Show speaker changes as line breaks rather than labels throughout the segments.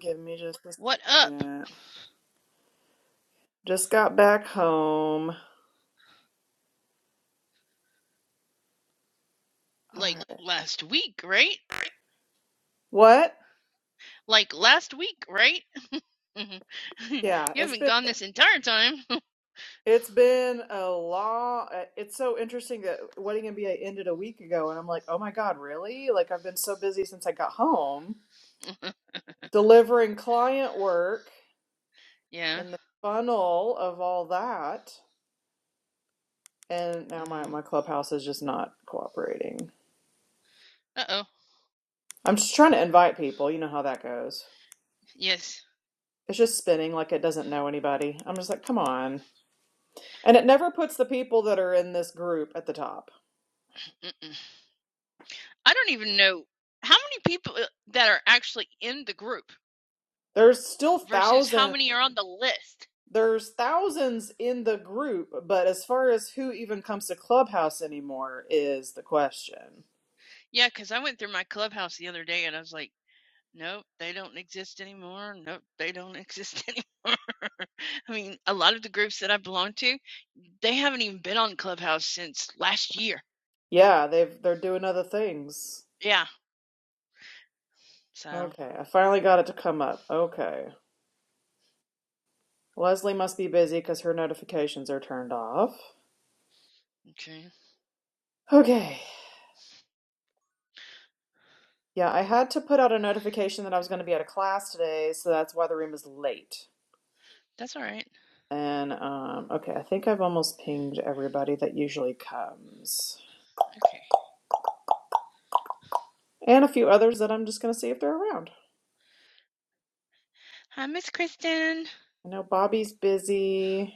Give me just a
What up?
second. Just got back home. All
Like
right.
last week, right?
What?
Like last week, right? you
Yeah, it's
haven't
been
gone this entire time.
it's been a long. uh, It's so interesting that Wedding MBA ended a week ago, and I'm like, oh my god, really? Like I've been so busy since I got home, delivering client work
yeah.
and the funnel of all that, and now my
Uh-huh.
my clubhouse is just not cooperating.
Uh-oh.
I'm just trying to invite people. You know how that goes.
Yes.
It's just spinning like it doesn't know anybody. I'm just like, come on. And it never puts the people that are in this group at the top.
Mm-mm. I don't even know how many people uh, that are actually in the group
There's still
versus how
thousands.
many are on the list.
There's thousands in the group, but as far as who even comes to Clubhouse anymore is the question.
Yeah, because I went through my clubhouse the other day and I was like, nope, they don't exist anymore. Nope, they don't exist anymore. I mean, a lot of the groups that I belong to, they haven't even been on Clubhouse since last year.
Yeah, they've they're doing other things.
Yeah. So,
Okay, I finally got it to come up. Okay. Leslie must be busy because her notifications are turned off.
okay.
Okay. Yeah, I had to put out a notification that I was going to be at a class today, so that's why the room is late.
That's all right.
And um, okay, I think I've almost pinged everybody that usually comes,
Okay.
and a few others that I'm just gonna see if they're around.
Hi, Miss Kristen.
I know Bobby's busy.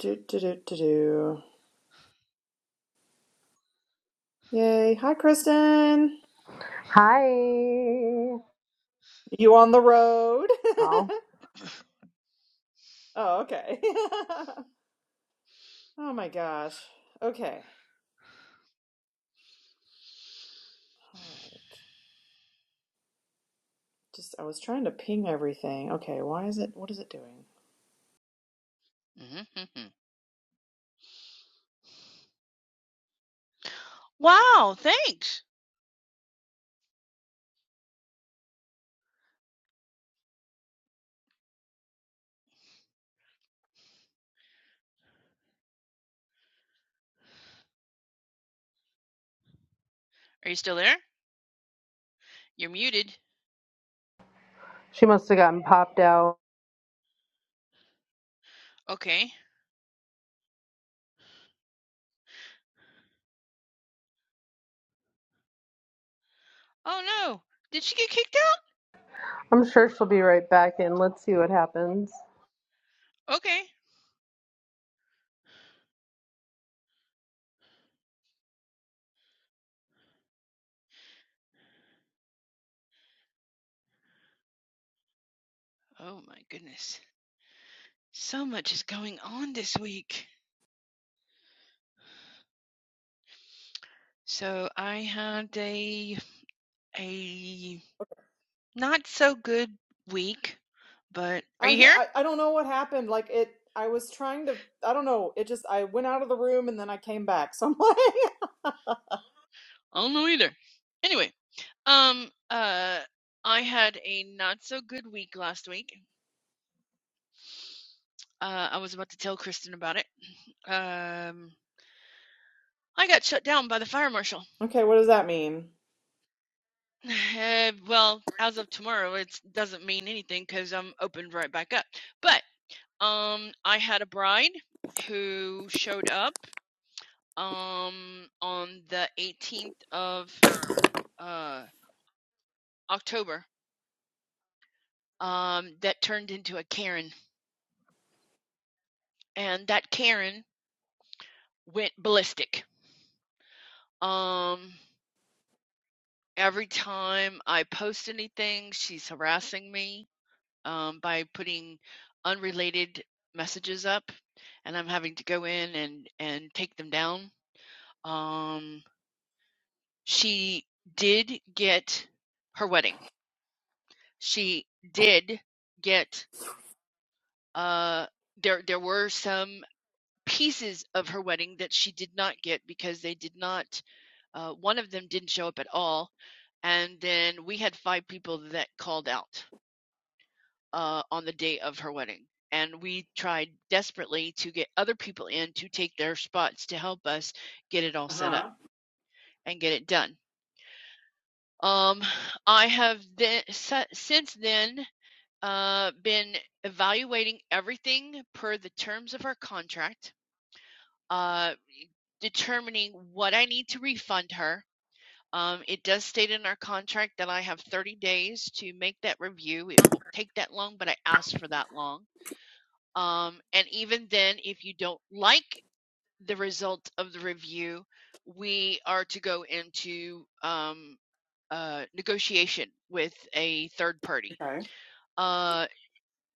Do do do do do. Yay! Hi, Kristen.
Hi.
You on the road?
Oh,
oh, okay. oh my gosh. Okay. All right. Just I was trying to ping everything. Okay, why is it? What is it doing?
Mm-hmm. mm-hmm. Wow, thanks. Are you still there? You're muted.
she must have gotten popped out.
Okay. Oh no. Did she get kicked out?
I'm sure she'll be right back in. Let's see what happens.
Okay. Oh my goodness. So much is going on this week. So I had a a not so good week, but are
I,
you here?
I I don't know what happened. Like it, I was trying to. I don't know. It just I went out of the room and then I came back. So I'm like,
I don't know either. Anyway, um uh I had a not so good week last week. Uh, I was about to tell Kristen about it. Um, I got shut down by the fire marshal.
okay, what does that mean?
Uh, well, as of tomorrow, it doesn't mean anything because I'm opened right back up. But um, I had a bride who showed up um on the 18th of uh October um that turned into a Karen, and that Karen went ballistic. Um, every time I post anything, she's harassing me um, by putting unrelated messages up, and I'm having to go in and and take them down. Um, she did get her wedding. She did get uh there there were some pieces of her wedding that she did not get because they did not uh one of them didn't show up at all and then we had five people that called out uh, on the day of her wedding. And we tried desperately to get other people in to take their spots to help us get it all
Uh
set up
huh.
and get it done. Um, I have then, si- since then uh, been evaluating everything per the terms of our contract, uh, determining what I need to refund her. Um, it does state in our contract that I have 30 days to make that review. It won't take that long, but I asked for that long Um, and even then, if you don't like the result of the review, we are to go into um, uh, negotiation with a third party.
Okay.
Uh,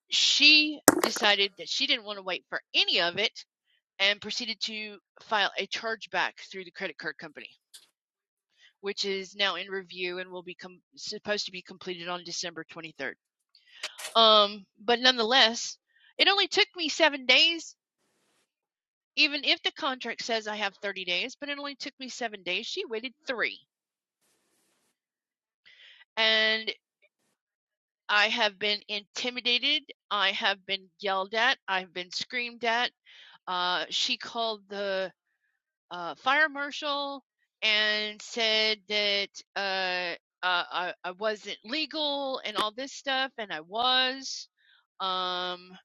she decided that she didn't want to wait for any of it and proceeded to file a chargeback through the credit card company, which is now in review and will be com- supposed to be completed on December 23rd. Um, but nonetheless, it only took me seven days even if the contract says I have 30 days, but it only took me seven days, she waited three. And I have been intimidated. I have been yelled at. I've been screamed at. Uh, she called the uh, fire marshal and said that uh, uh, I, I wasn't legal and all this stuff, and I was. Um,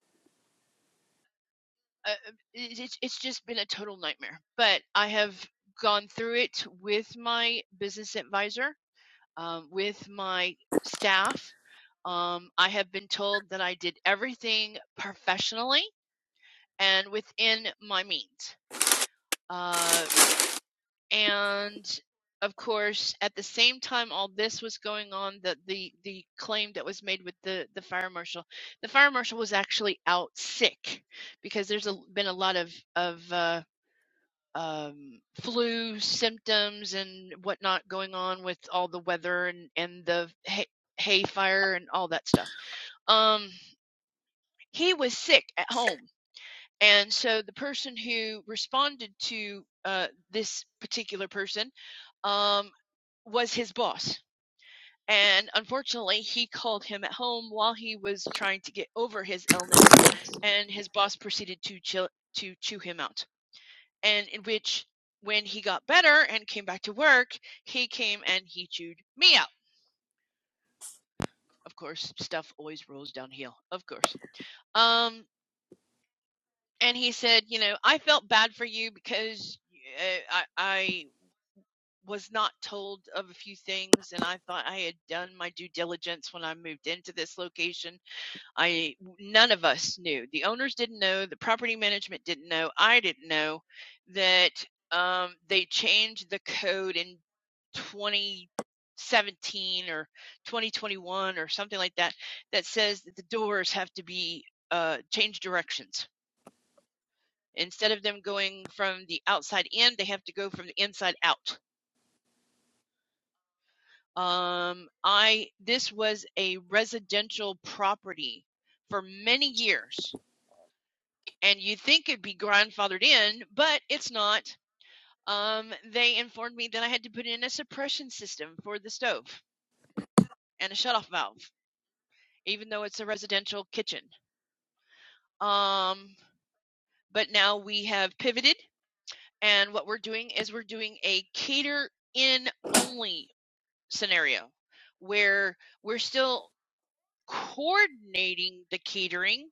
uh, it- it's, it's just been a total nightmare. But I have gone through it with my business advisor um, with my staff. Um, I have been told that I did everything professionally and within my means. Uh, and of course, at the same time, all this was going on, the, the the claim that was made with the the fire marshal, the fire marshal was actually out sick because there's a, been a lot of of uh, um, flu symptoms and whatnot going on with all the weather and, and the hay, hay fire and all that stuff. Um, he was sick at home. And so the person who responded to uh, this particular person um, was his boss. And unfortunately, he called him at home while he was trying to get over his illness, and his boss proceeded to chill, to chew him out. and in which when he got better and came back to work, he came and he chewed me out. Of course, stuff always rolls downhill. Of course. Um, and he said, you know, I felt bad for you because uh, I, I was not told of a few things, and I thought I had done my due diligence when I moved into this location I none of us knew. The owners didn't know. The property management didn't know. I didn't know that um, they changed the code in 2017 or 2021 or something like that that says that the doors have to be uh, change directions. Instead of them going from the outside in, they have to go from the inside out. Um, I this was a residential property for many years and you'd think it'd be grandfathered in, but it's not. Um, they informed me that I had to put in a suppression system for the stove and a shutoff valve, even though it's a residential kitchen. Um, but now we have pivoted, and what we're doing is we're doing a cater in only scenario where we're still coordinating the catering,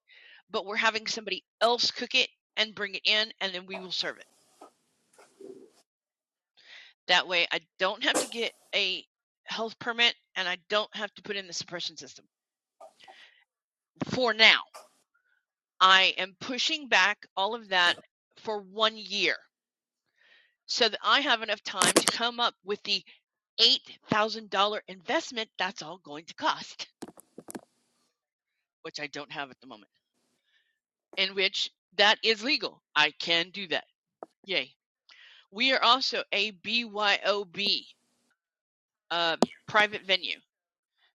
but we're having somebody else cook it and bring it in, and then we will serve it. That way I don't have to get a health permit and I don't have to put in the suppression system for now. I am pushing back all of that for one year so that I have enough time to come up with the $8,000 investment that's all going to cost, which I don't have at the moment, in which that is legal. I can do that. Yay. We are also a BYOB, uh, private venue.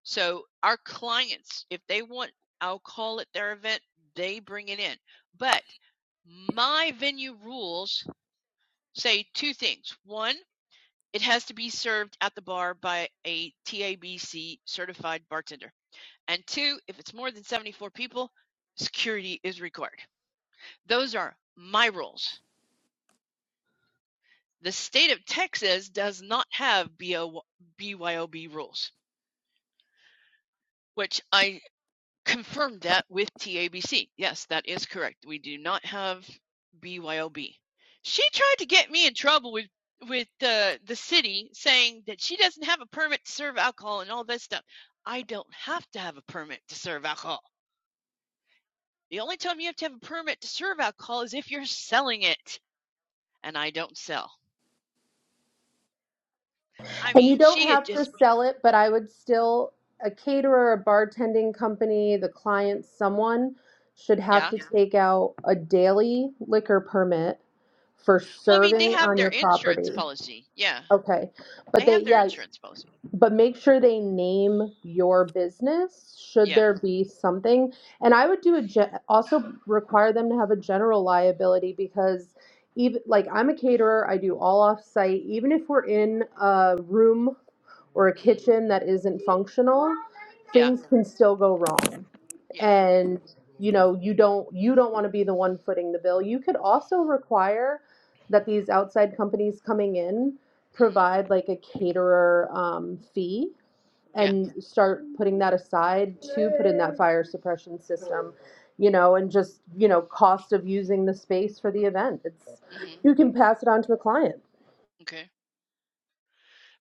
So our clients, if they want, I'll call it their event, they bring it in. But my venue rules say two things. One, it has to be served at the bar by a TABC certified bartender. And two, if it's more than 74 people, security is required. Those are my rules. The state of Texas does not have BYOB rules, which I confirmed that with TABC. Yes, that is correct. We do not have BYOB. She tried to get me in trouble with with the the city saying that she doesn't have a permit to serve alcohol and all this stuff. I don't have to have a permit to serve alcohol. The only time you have to have a permit to serve alcohol is if you're selling it, and I don't sell. I
And you
mean,
don't
she had
have to
just
sell it, but I would still, a caterer, a bartending company, the client, someone should have
yeah.
to Yeah. take out a daily liquor permit for
Well, I mean, they
serving
have
on
their
your
insurance
property.
policy. Yeah,
Okay. But
they
they,
have their
yeah,
insurance policy.
but make sure they name your business should
Yeah.
there be something and i would do a ge- also require them to have a general liability because even like i'm a caterer i do all off site even if we're in a room or a
hmm
kitchen that isn't functional
Yeah.
things can still go wrong
Yeah.
and you know you don't you don't want to be the one footing the bill you could also require that these outside companies coming in
hmm
provide like a caterer um, fee
Yeah.
and start putting that aside to put in that fire suppression system you know and just you know cost of using the space for the event it's
mhm.
you can pass it on to the client
Okay.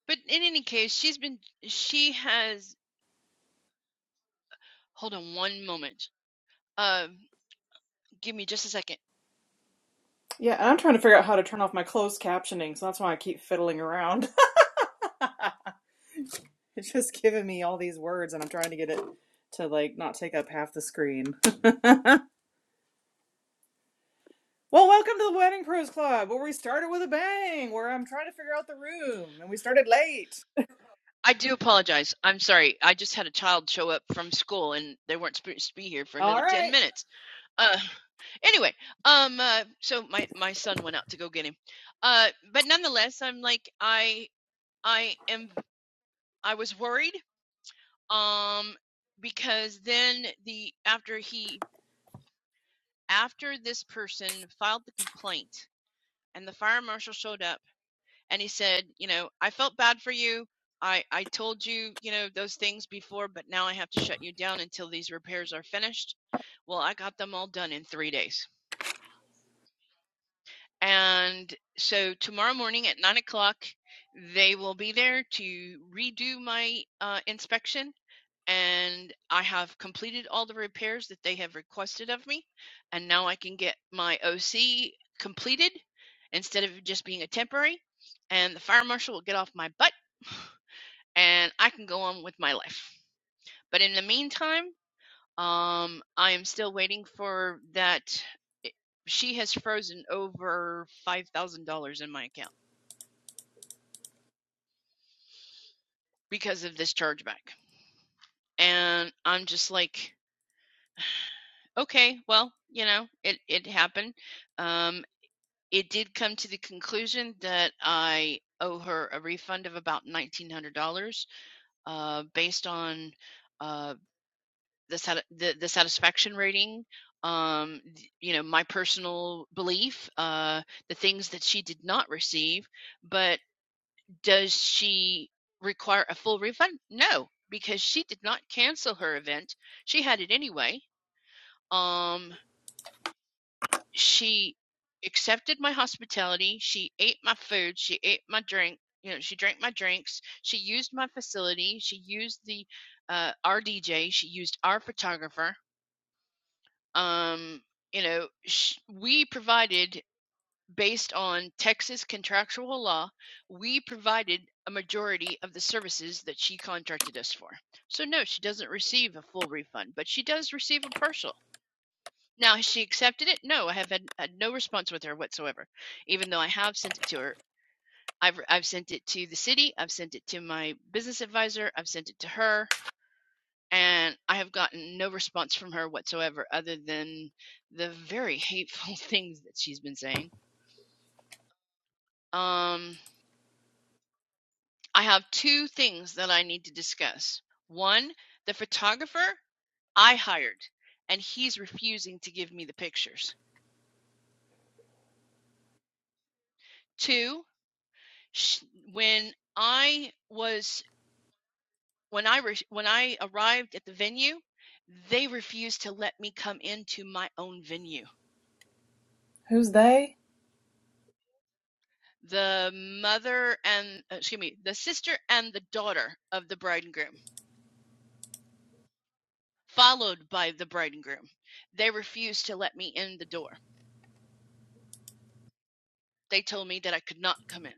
But in any case, she's been she has hold on one moment. Uh give me just a second.
Yeah, and I'm trying to figure out how to turn off my closed captioning, so that's why I keep fiddling around. It's just giving me all these words, and I'm trying to get it to like not take up half the screen. Well, welcome to the Wedding Pros Club, where we started with a bang, where I'm trying to figure out the room, and we started late.
I do apologize. I'm sorry. I just had a child show up from school and they weren't supposed to be here for another
All
10
right.
minutes. Uh anyway, um uh, so my my son went out to go get him. Uh but nonetheless, I'm like I I am I was worried um because then the after he after this person filed the complaint and the fire marshal showed up and he said you know i felt bad for you i i told you you know those things before but now i have to shut you down until these repairs are finished well i got them all done in three days and so tomorrow morning at nine o'clock they will be there to redo my uh, inspection and I have completed all the repairs that they have requested of me. And now I can get my OC completed instead of just being a temporary. And the fire marshal will get off my butt and I can go on with my life. But in the meantime, um, I am still waiting for that. eh, She has frozen over $5,000 in my account because of this chargeback. And I'm just like, okay, well, you know, it, it happened. Um, it did come to the conclusion that I owe her a refund of about nineteen hundred dollars, uh, based on uh, the, sat- the the satisfaction rating. Um, you know, my personal belief, uh, the things that she did not receive. But does she require a full refund? No, because she did not cancel her event. She had it anyway. Um, she accepted my hospitality. She ate my food. She ate my drink. You know, she drank my drinks. She used my facility. She used the uh, our DJ. She used our photographer. Um, you know, sh- we provided based on Texas contractual law. We provided a majority of the services that she contracted us for. So no, she doesn't receive a full refund, but she does receive a partial now, has she accepted it? No, I have had, had no response with her whatsoever, even though I have sent it to her. I've, I've sent it to the city, I've sent it to my business advisor, I've sent it to her, and I have gotten no response from her whatsoever other than the very hateful things that she's been saying. Um, I have two things that I need to discuss. One, the photographer I hired, and he's refusing to give me the pictures. Two, sh- when I was when I re- when I arrived at the venue, they refused to let me come into my own venue.
Who's they?
The mother and uh, excuse me, the sister and the daughter of the bride and groom, followed by the bride and groom, they refused to let me in the door. They told me that I could not come in.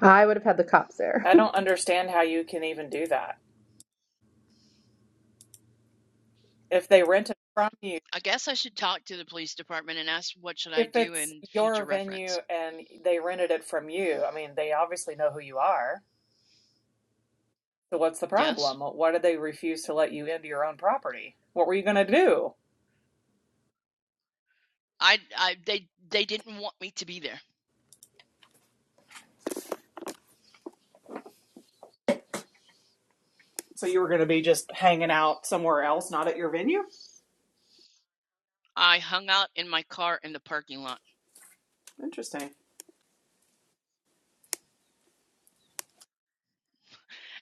i would have had the cops there
I don't understand how you can even do that. If they rent it from you,
I guess I should talk to the police department and ask what should I
if
do
it's
in future
your venue
reference.
and they rented it from you, I mean, they obviously know who you are. So what's the
Yes,
problem? Why did they refuse to let you into your own property? What were you going to do?
I, I they they didn't want me to be there.
So you were going to be just hanging out somewhere else, not at your venue?
I hung out in my car in the parking lot.
Interesting.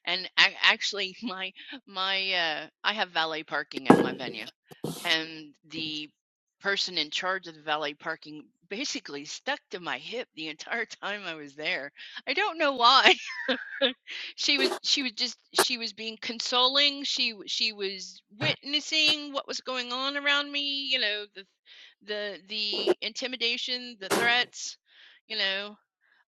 And ac actually, my my uh, I have valet parking at my venue, and the person in charge of the valet parking basically stuck to my hip the entire time I was there. I don't know why. She was she was just she was being consoling. She w- she was witnessing what was going on around me. You know the the the intimidation, the threats. You know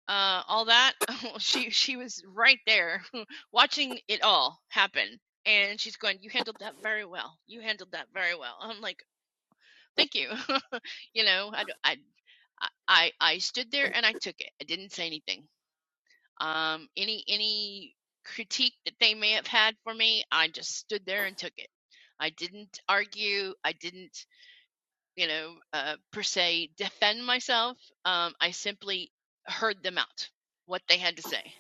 uh, all that. she she was right there, watching it all happen, and she's going, "You handled that very well. You handled that very well." I'm like, "Thank you." you know, I I I I stood there and I took it. I didn't say anything. Um, any any critique that they may have had for me, I just stood there and took it. I didn't argue. I didn't, you know, uh, per se defend myself. Um, I simply heard them out, what they had to say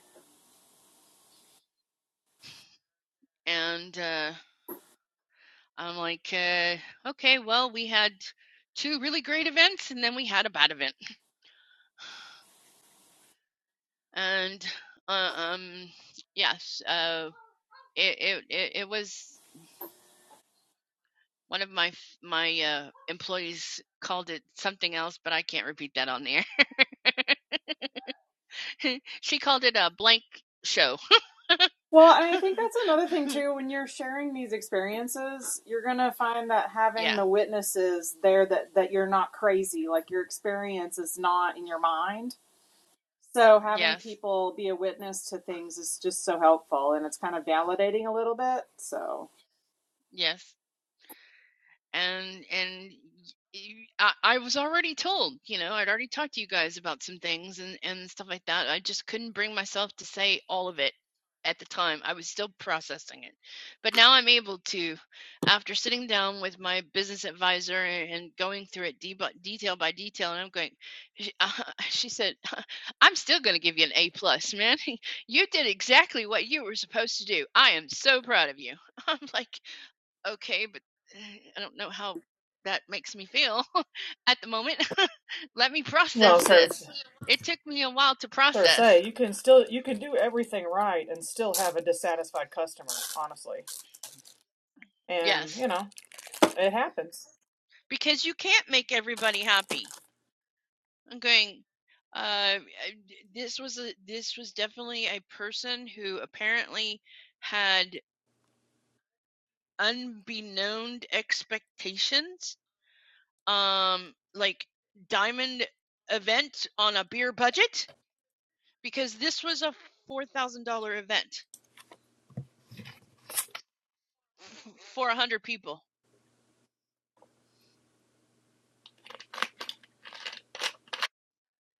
and uh, I'm like, uh, okay, well, we had two really great events, and then we had a bad event, and uh, um, yes, uh, it, it it was one of my my uh, employees called it something else, but I can't repeat that on the air. she called it a blank show.
Well, and I think that's another thing too. When you're sharing these experiences, you're gonna find that having
yeah.
the witnesses there that that you're not crazy, like your experience is not in your mind So having
Yes.
people be a witness to things is just so helpful and it's kind of validating a little bit. So
Yes. and and y- I, I was already told, you know, I'd already talked to you guys about some things and and stuff like that. I just couldn't bring myself to say all of it at the time. I was still processing it, but now I'm able to, after sitting down with my business advisor and going through it deb- detail by detail, and I'm going. She, she said, "I'm still going to give you an A plus, man. You did exactly what you were supposed to do. I am so proud of you." I'm like okay, but eh, I don't know how that makes me feel at the moment. Let me
Well,
process
sir,
this. It took me a while to
sir,
process.
say you can still you can do everything right and still have a dissatisfied customer, honestly. And
Yes,
you know it happens.
because you can't make everybody happy. I'm going. Uh, this was a this was definitely a person who apparently had unbeknown expectations. Um, like diamond event on a beer budget because this was a four thousand dollar event f- for a hundred people.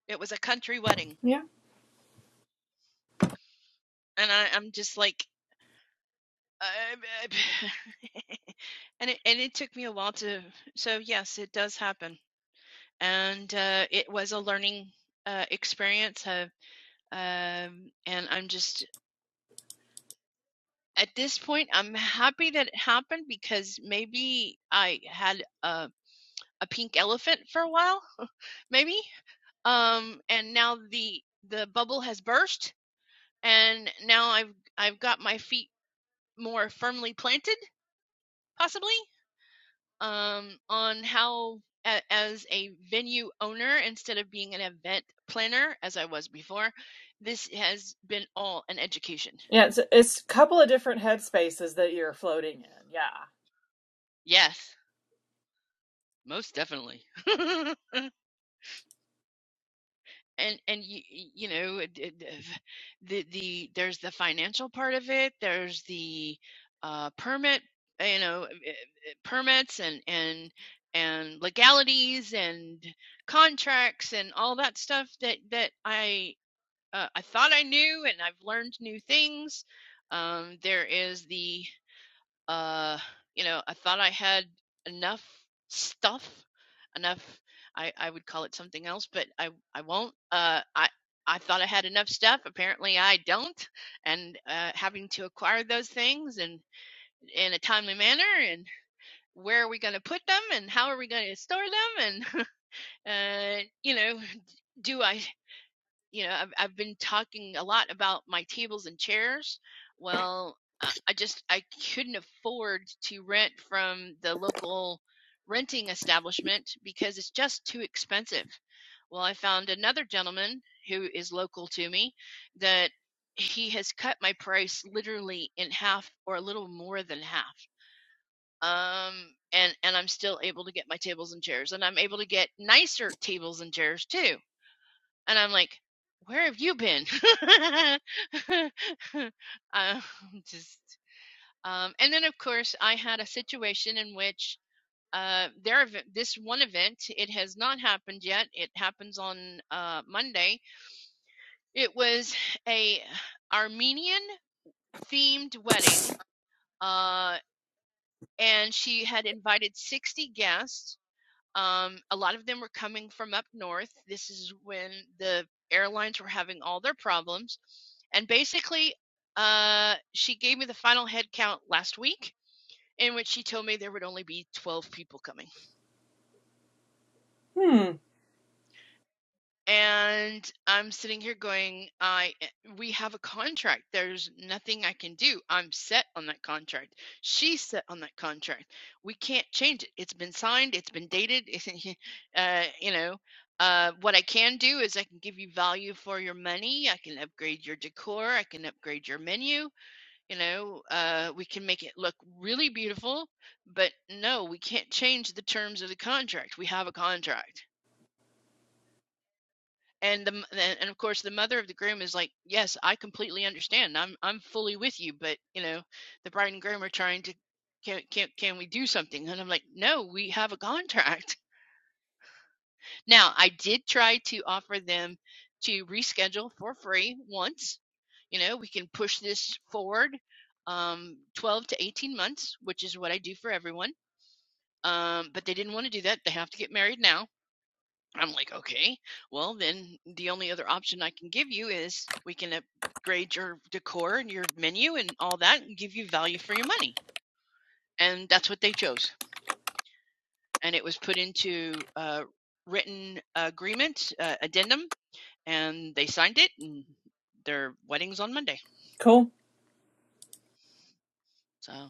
It was a country wedding,
Yeah,
and I, I'm just like, I, and it and it took me a while to. So yes, it does happen, and uh, it was a learning uh, experience. Uh, um, and I'm just at this point, I'm happy that it happened because maybe I had a a pink elephant for a while, maybe. Um, and now the the bubble has burst, and now I've I've got my feet more firmly planted, possibly, um, on how a, as a venue owner instead of being an event planner as I was before, this has been all an education.
Yeah, it's it's a couple of different headspaces that you're floating in. Yeah.
Yes, most definitely. and and you you know it- it- the the there's the financial part of it there's the uh permit you know eh, eh, permits and and and legalities and contracts and all that stuff that that I uh, I thought I knew and I've learned new things um there is the uh you know i thought i had enough stuff enough i i would call it something else but i i won't uh i i thought i had enough stuff apparently i don't and uh having to acquire those things and in a timely manner and where are we going to put them and how are we going to store them and uh you know do i you know I've, I've been talking a lot about my tables and chairs well uh, i just i couldn't afford to rent from the local renting establishment because it's just too expensive well i found another gentleman who is local to me that he has cut my price literally in half or a little more than half um and and i'm still able to get my tables and chairs and i'm able to get nicer tables and chairs too and I'm like, where have you been? um, just um, and then of course I had a situation in which uh, their this one event, it has not happened yet. It happens on uh, Monday. It was a Armenian themed wedding, uh, and she had invited 60 guests Um, a lot of them were coming from up north. This is when the airlines were having all their problems. And basically, uh, she gave me the final head count last week, in which she told me there would only be 12 people coming.
Hmm.
and i'm sitting here going i eh, we have a contract there's nothing i can do i'm set on that contract she's set on that contract we can't change it it's been signed it's been dated it's, uh, you know uh, what i can do is i can give you value for your money i can upgrade your decor i can upgrade your menu you know uh, we can make it look really beautiful but no we can't change the terms of the contract we have a contract and the and and of course the mother of the groom is like yes i completely understand i'm i'm fully with you but you know the bride and groom are trying to can can can we do something and i'm like no we have a contract now i did try to offer them to reschedule for free once you know we can push this forward um 12 to 18 months which is what i do for everyone um but they didn't want to do that they have to get married now I'm like, okay, well, then the only other option I can give you is we can upgrade your decor and your menu and all that and give you value for your money. And that's what they chose. And it was put into a written agreement, uh, addendum, and they signed it, and their wedding's on Monday.
Cool.
So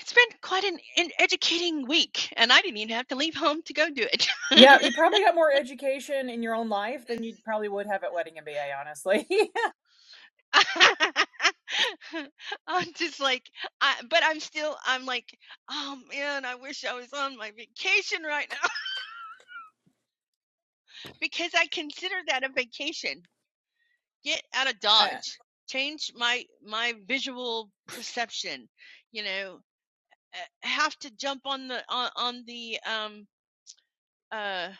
it's been quite an, an educating week, and I didn't even have to leave home to go do
Yeah,
it.
you probably got more education in your own life than you probably would have at Wedding MBA, honestly.
I'm just like, I, but I'm still, I'm like, oh man, I wish I was on my vacation right now because I consider that a vacation. Get out of
I,
Dodge. Change my my visual perception. You know, Uh, have to jump on the on, on the um uh.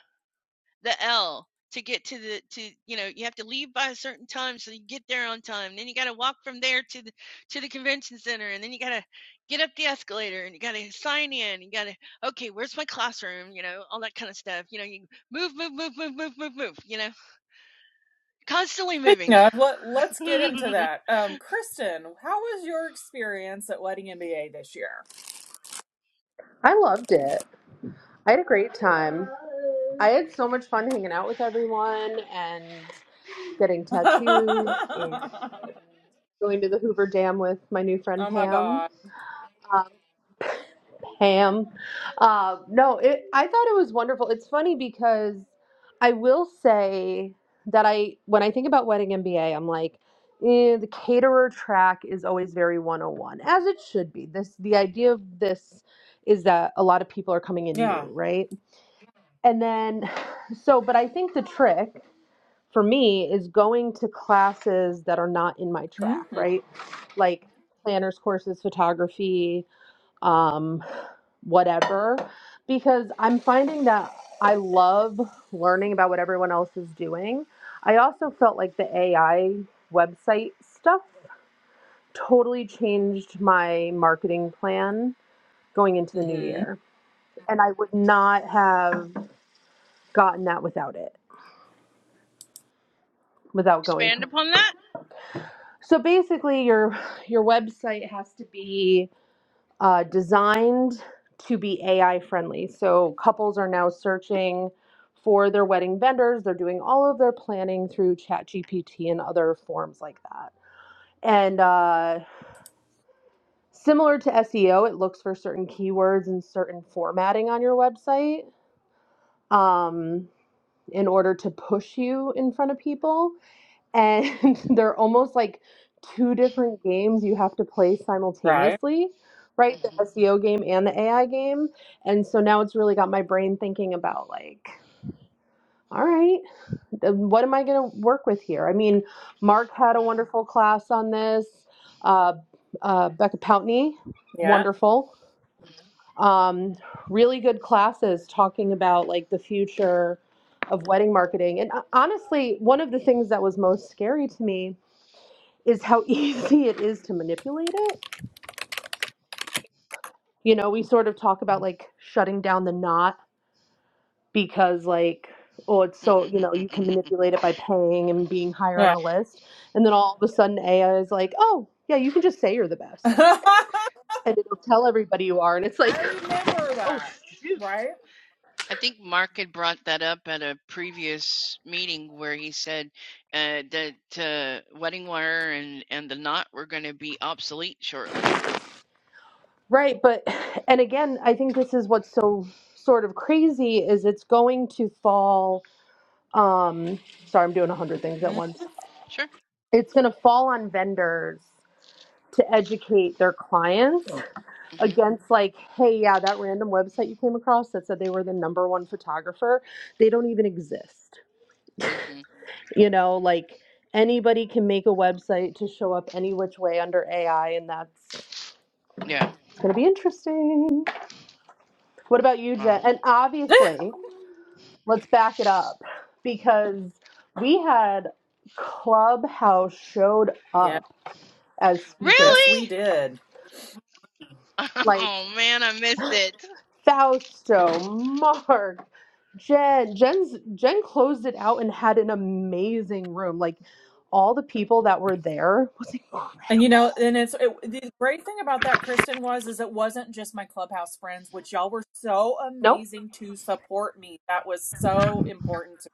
the L to get to the to you know you have to leave by a certain time so you get there on time. Then you got to walk from there to the to the convention center, and then you got to get up the escalator, and you got to sign in. You got to okay, where's my classroom? You know all that kind of stuff. You know you move, move, move, move, move, move, move. You know constantly
Speaking
moving.
of, let, let's get into that. Um, Kristen, how was your experience at Wedding MBA this year?
i loved it i had a great time i had so much fun hanging out with everyone and getting tattoos and
oh
going to the Hoover Dam with my new friend
my
Pam.
God.
Pam. Uh, no, it, I thought it was wonderful. It's funny because I will say that I, when I think about Wedding MBA, I'm like, eh, the caterer track is always very 101, as it should be. This, the idea of this is that a lot of people are coming in
Yeah.
new, right? And then, so, but I think the trick for me is going to classes that are not in my track,
Mm-hmm.
right? Like planners courses, photography, um, whatever, because I'm finding that I love learning about what everyone else is doing. I also felt like the AI website stuff totally changed my marketing plan going into the new
hmm
year. And I would not have gotten that without it, without going to
Expand upon that.
So basically, your your website has to be uh, designed to be AI friendly. So couples are now searching for their wedding vendors. They're doing all of their planning through ChatGPT and other forms like that. And uh, similar to SEO, it looks for certain keywords and certain formatting on your website um, in order to push you in front of people. and they're almost like two different games you have to play
Right.
simultaneously right the seo game and the ai game and so now it's really got my brain thinking about like all right th- what am i going to work with here i mean mark had a wonderful class on this uh, uh, becca poutney
Yeah.
wonderful um, really good classes talking about like the future of wedding marketing and uh, honestly one of the things that was most scary to me is how easy it is to manipulate it. You know, we sort of talk about like shutting down the knot because like oh it's so you know you can manipulate it by paying and being higher on
Yeah.
the list and then all of a sudden AI is like oh yeah you can just say you're the
I
best and it'll tell everybody you are and it's like
remember
oh
that.
shoot
Right.
I think Mark had brought that up at a previous meeting where he said uh, that uh, wedding wire and, and the knot were going to be obsolete shortly.
right but and again I think this is what's so sort of crazy is it's going to fall um sorry I'm doing a hundred things at
Mhm.
once
Sure.
it's going to fall on vendors to educate their clients
hmm
against like hey yeah that random website you came across that said they were the number one photographer they don't even exist
hmm
you know like anybody can make a website to show up any which way under ai and that's it's
Yeah.
going to be interesting what about you
Oh.
jen and obviously let's back it up because we had clubhouse showed
Yeah.
up as speakers
Yes, we
Really?
did.
like.
Oh man, I missed it.
Fausto, Mark, Jen. Jen's Jen closed it out and had an amazing room. Like all the people that were there was
And you know,
incredible.
and it's it, the great thing about that, Kristen, was is it wasn't just my clubhouse friends, which y'all were so
Nope.
amazing to support me. That was so important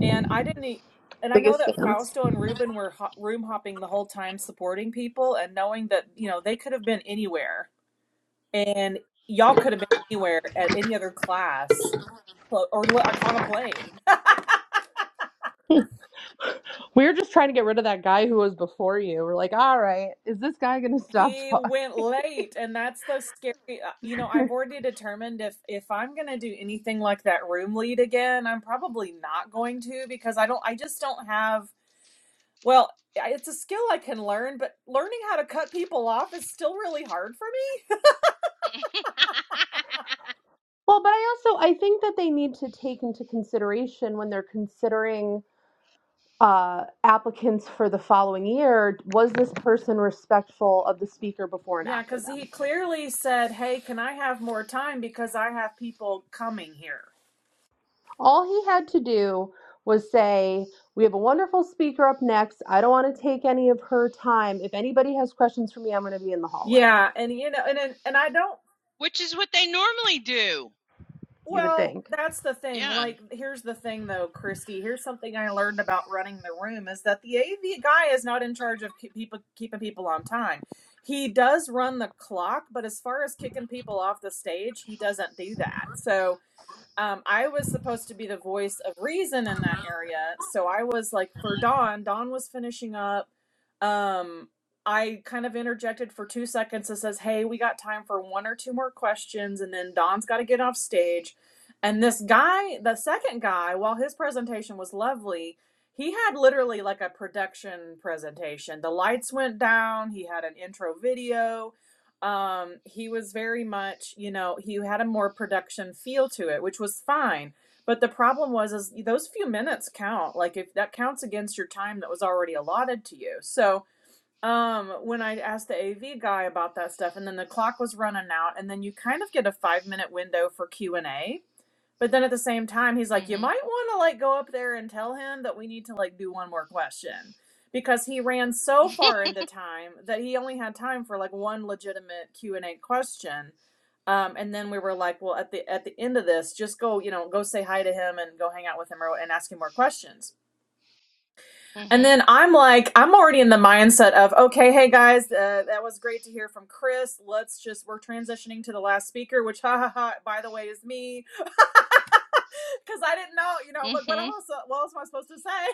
And I didn't e and I know
Biggest
that
fans.
Fausto and Ruben were ho room hopping the whole time supporting people and knowing that, you know, they could have been anywhere and y'all could have been anywhere at any other class or, or like on a plane.
We were just trying to get rid of that guy who was before you. We're like, all right, is this guy gonna stop
He
talking?
went late and that's the scary, uh, you know, I've already determined if if I'm going to do anything like that room lead again, I'm probably not going to because I don't I just don't have well, I- it's a skill I can learn, but learning how to cut people off is still really hard for me.
Well, but I also I think that they need to take into consideration when they're considering uh, applicants for the following year, was this person respectful of the speaker before and
Yeah,
after
because
them?
he clearly said, "Hey, can I have more time because I have people coming here?"
All he had to do was say, We have a wonderful speaker up next. I don't want to take any of her time. If anybody has questions for me, I'm going to be in the hallway.
Yeah, and you know, and and, and I don't.
Which is what they normally do.
You would
Well,
think.
that's the thing.
Yeah.
Like, here's the thing, though, Christy. Here's something I learned about running the room is that the AV guy is not in charge of keep people keeping people on time. He does run the clock, but as far as kicking people off the stage, he doesn't do that. So um, I was supposed to be the voice of reason in that area. So I was like, for Dawn, Dawn was finishing up. Um, I kind of interjected for two seconds and says, Hey, we got time for one or two more questions. And then Dawn's got to get off stage. And this guy, the second guy, while his presentation was lovely, he had literally like a production presentation. The lights went down, he had an intro video um he was very much you know he had a more production feel to it which was fine but the problem was is those few minutes count like if that counts against your time that was already allotted to you so um when i asked the av guy about that stuff and then the clock was running out and then you kind of get a five minute window for q&a but then at the same time, he's like, you
hmm
might want to like go up there and tell him that we need to like do one more question because he ran so far into time that he only had time for like one legitimate Q and A question. Um, and then we were like, well, at the at the end of this, just go, you know, go say hi to him and go hang out with him or, and ask him more questions and
hmm
then I'm like, I'm already in the mindset of, okay, hey guys, uh, that was great to hear from Chris. Let's just, we're transitioning to the last speaker, which, ha ha ha, by the way, is me. Because I didn't know, you know, I'm like,
hmm
what else, what else am I supposed to say?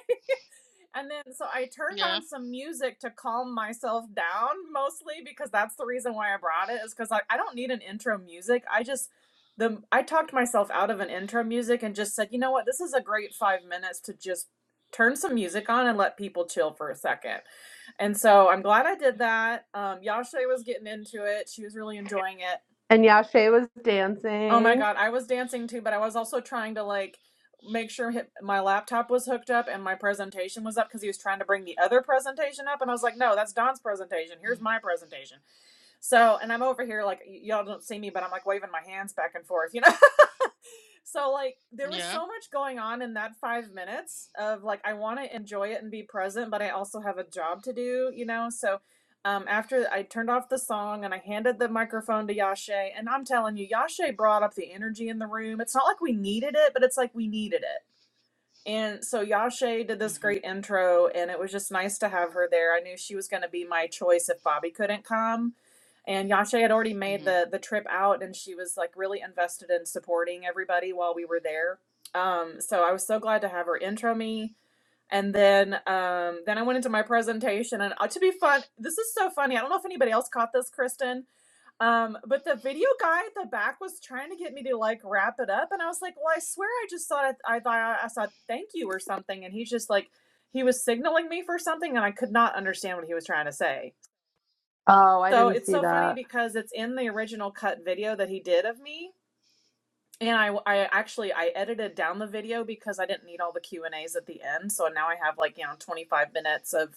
And then so I turned
Yeah.
on some music to calm myself down mostly because that's the reason why I brought it is because like I don't need an intro music. I just the I talked myself out of an intro music and just said, you know what, this is a great five minutes to just turn some music on and let people chill for a second. And so I'm glad I did that. Um, Yasha was getting into it. She was really enjoying it.
And Yashe was
Oh my
dancing.
God, I was dancing too, but I was also trying to like make sure hit, my laptop was hooked up and my presentation was up because he was trying to bring the other presentation up. And I was like, no, that's Don's presentation.
Mm.
Here's my presentation. So, and I'm over here like, y- y'all don't see me, but I'm like waving my hands back and forth, you know? So like there was
Yeah.
so much going on in that 5 minutes of like I want to enjoy it and be present, but I also have a job to do, you know? So um after I turned off the song and I handed the microphone to Yashe, and I'm telling you Yashe brought up the energy in the room. It's not like we needed it, but it's like we needed it. And so Yashe did
hmm
this great intro, and it was just nice to have her there. I knew she was going to be my choice if Bobby couldn't come. And Yashe had already made
hmm hmm
the the trip out, and she was like really invested in supporting everybody while we were there. Um, so I was so glad to have her intro me. And then um, then I went into my presentation, and uh, to be fun, this is so funny. I don't know if anybody else caught this, Kristen, um, but the video guy at the back was trying to get me to like wrap it up, and I was like, "Well, I swear, I just thought I, I thought I saw thank you or something," and he's just like, he was signaling me for something, and I could not understand what he was trying to say.
Oh, I
So
didn't
it's
see
so funny
that.
because it's in the original cut video that he did of me, and I I actually I edited down the video because I didn't need all the Q and As at the end, so now I have like you know twenty five minutes of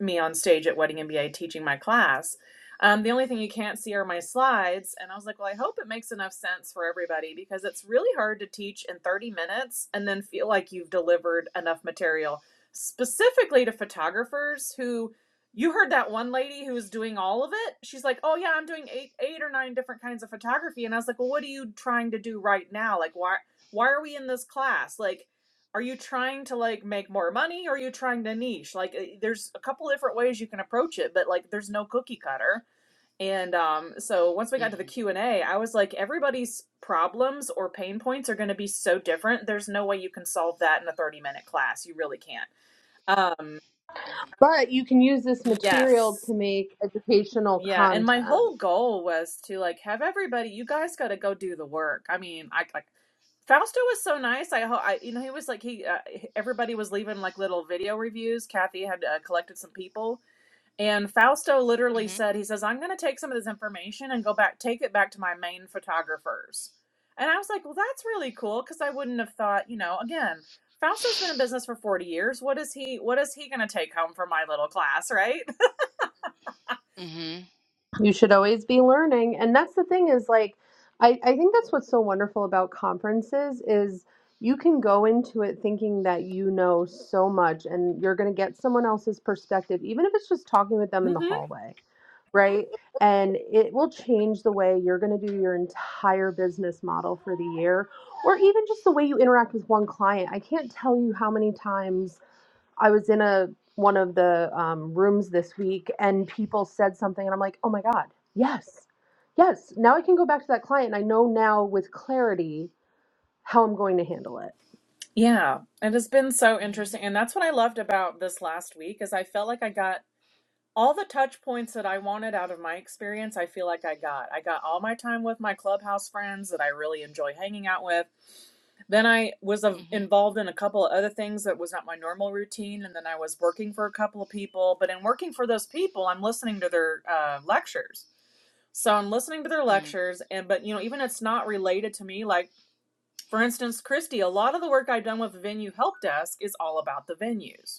me on stage at Wedding MBA teaching my class. Um, the only thing you can't see are my slides. And I was like, well, I hope it makes enough sense for everybody because it's really hard to teach in 30 minutes and then feel like you've delivered enough material, specifically to photographers who you heard that one lady who's doing all of it. She's like, oh, yeah, I'm doing eight, eight or nine different kinds of photography. And I was like, well, what are you trying to do right now? Like, why? Why are we in this class? Like, are you trying to like make more money or are you trying to niche like uh, there's a couple different ways you can approach it but like there's no cookie cutter and um so once we got to the q and A, I was like everybody's problems or pain points are going to be so different there's no way you can solve that in a 30 minute class you really can't um
But you can use this material
yes
to make educational
Yeah, and my
content.
whole goal was to like have everybody. You guys got to go do the work. I mean, I like Fausto was so nice. I hope I you know he was like he uh, everybody was leaving like little video reviews. Kathy had uh, collected some people, and Fausto
hmm
literally
hmm
said he says I'm going to take some of this information and go back take it back to my main photographers. And I was like, well, that's really cool because I wouldn't have thought you know again. Fausto's been in business for 40 years. What is he what is he going to take home from my little class, right?
hmm
you should always be learning and that's the thing is like I, I think that's what's so wonderful about conferences is you can go into it thinking that you know so much and you're going to get someone else's perspective even if it's just talking with them in the
hmm
hallway right and it will change the way you're going to do your entire business model for the year or even just the way you interact with one client i can't tell you how many times I was in a one of the um, rooms this week, and people said something, and I'm like, oh my god, yes, yes. Now I can go back to that client, and I know now with clarity how I'm going to handle it.
Yeah, it has been so
hmm
interesting. And that's what I loved about this last week is I felt like I got all the touch points that I wanted out of my experience. I feel like I got. I got all my time with my clubhouse friends that I really enjoy hanging out with. Then I was uh, involved in a couple of other things that was not my normal routine. And then I was working for a couple of people. But in working for those people, I'm listening to their uh, lectures. So I'm listening to their lectures and but you know even it's not related to me like for instance, Christy, a lot of the work I've done with the venue help desk is all about the venues.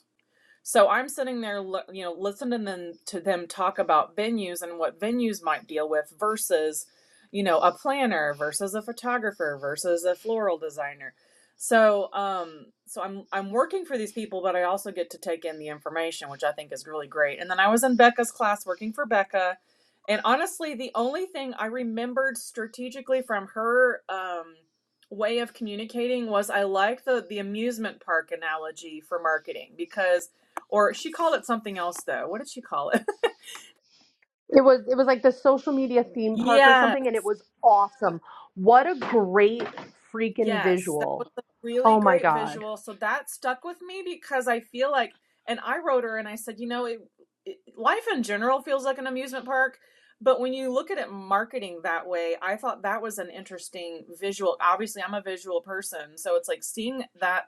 So I'm sitting there, you know, listening then to them talk about venues and what venues might deal with versus, you know, a planner versus a photographer versus a floral designer. So, um, so I'm I'm working for these people, but I also get to take in the information, which I think is really great. And then I was in Becca's class working for Becca, and honestly, the only thing I remembered strategically from her um, way of communicating was I like the the amusement park analogy for marketing because or she called it something else though. What did she call it?
It was it was like the social media theme park or
Yes,
something, and it was awesome. What a great freaking
yes. That was
visual!
a really
Oh my
great
god.
visual. So that stuck with me because I feel like, and I wrote her and I said, you know, it, it, life in general feels like an amusement park, but when you look at it marketing that way, I thought that was an interesting visual. Obviously, I'm a visual person, so it's like seeing that,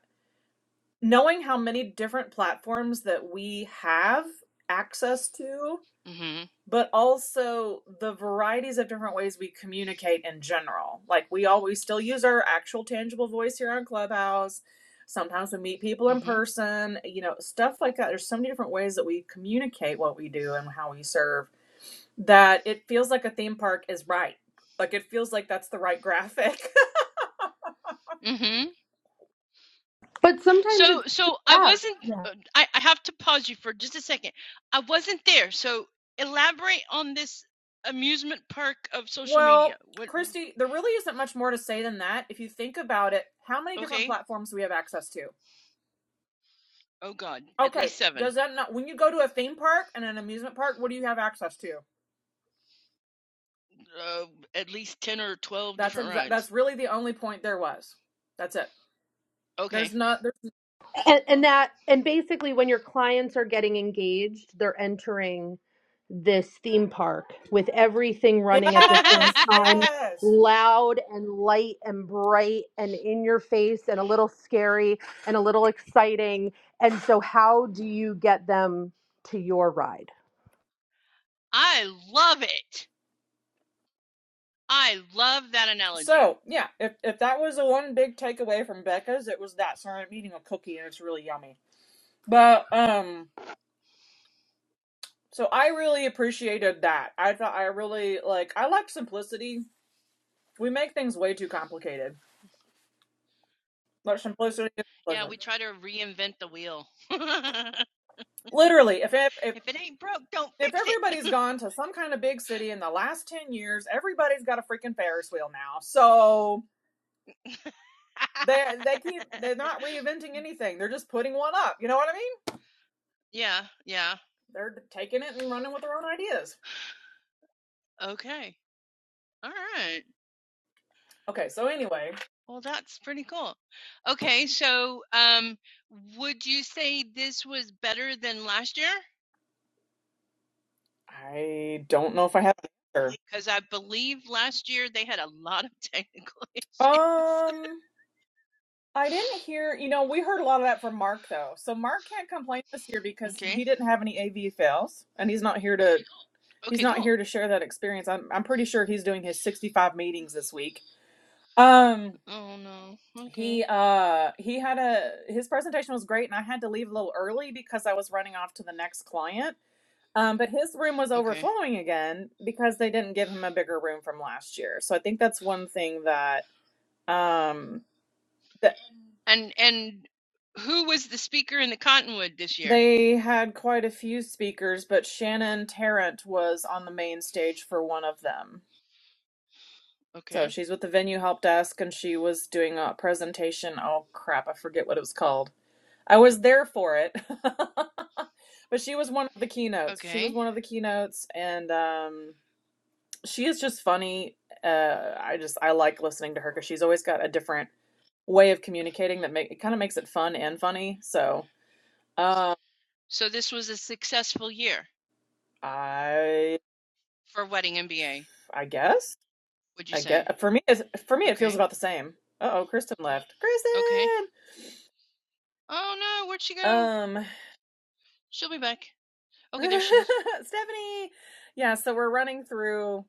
knowing how many different platforms that we have access to
hmm
but also the varieties of different ways we communicate in general. Like we always still use our actual tangible voice here on Clubhouse. Sometimes we meet people in
hmm
person, you know, stuff like that. There's so many different ways that we communicate what we do and how we serve that it feels like a theme park is right. Like it feels like that's the right graphic
hmm
But
So,
sometimes it's just
so I wasn't.
that.
uh, I, I have to pause you for just a second. I wasn't there. So, elaborate on this amusement park of social media.
well,
What?
Christy, there really isn't much more to say than that. If you think about it, how many different
Okay.
platforms do we have access to?
Oh God. At
Okay,
least seven.
does that not when you go to a theme park and an amusement park, what do you have access to?
Uh, at least ten or twelve
That's
different
exa-
rides.
that's really the only point there was. That's it.
Okay.
There's not there's
and, and that and basically when your clients are getting engaged they're entering this theme park with everything running at the same
Yes,
time
yes.
loud and light and bright and in your face and a little scary and a little exciting and so how do you get them to your ride
I love it. I love that analogy.
So yeah, if if that was the one big takeaway from Becca's, it was that. So I'm eating a cookie and it's really yummy. But um, so I really appreciated that. I thought I really like I like simplicity. We make things way too complicated. But simplicity is
Yeah, we
simplicity.
try to reinvent the wheel. if
Literally, if ev- if
it ain't broke, don't
if
fix it.
everybody's gone to some kind of big city in the last ten years, everybody's got a freaking Ferris wheel now. So they they keep they're not reinventing anything. They're just putting one up. You know what I mean?
yeah. Yeah.
They're taking it and running with their own ideas.
Okay. All right.
Okay, so anyway,
Well, that's pretty cool. Okay, so um, would you say this was better than last year?
I don't know if I have an answer.
Because I believe last year they had a lot of technical issues.
Um, I didn't hear, you know, we heard a lot of that from Mark though. So Mark can't complain this year because
Okay.
he didn't have any AV fails and he's not here to he's
Okay,
not
cool.
here to share that experience. I'm I'm pretty sure he's doing his 65 meetings this week. Um,
Oh no. Okay.
he uh he had a his presentation was great and I had to leave a little early because I was running off to the next client. Um, but his room was
Okay.
overflowing again because they didn't give him a bigger room from last year. So I think that's one thing that um that
And and who was the speaker in the Cottonwood this year?
they had quite a few speakers, but Shannon Tarrant was on the main stage for one of them. So
Okay.
she's with the venue help desk and she was doing a presentation. Oh crap, I forget what it was called. I was there for it. but she was one of the keynotes. She was
Okay.
one of the keynotes and um she is just funny. Uh, I just I like listening to her because she's always got a different way of communicating that make it kind of makes it fun and funny. So um,
So this was a successful year
I
for Wedding MBA,
I guess
would you
I
say?
get for me it's, for me it feels
Okay.
about the same. Uh oh, Kristen left.
Okay.
Kristen,
Oh no, where'd she go?
um,
She'll be back. Okay, there she is.
Stephanie. Yeah, so we're running through.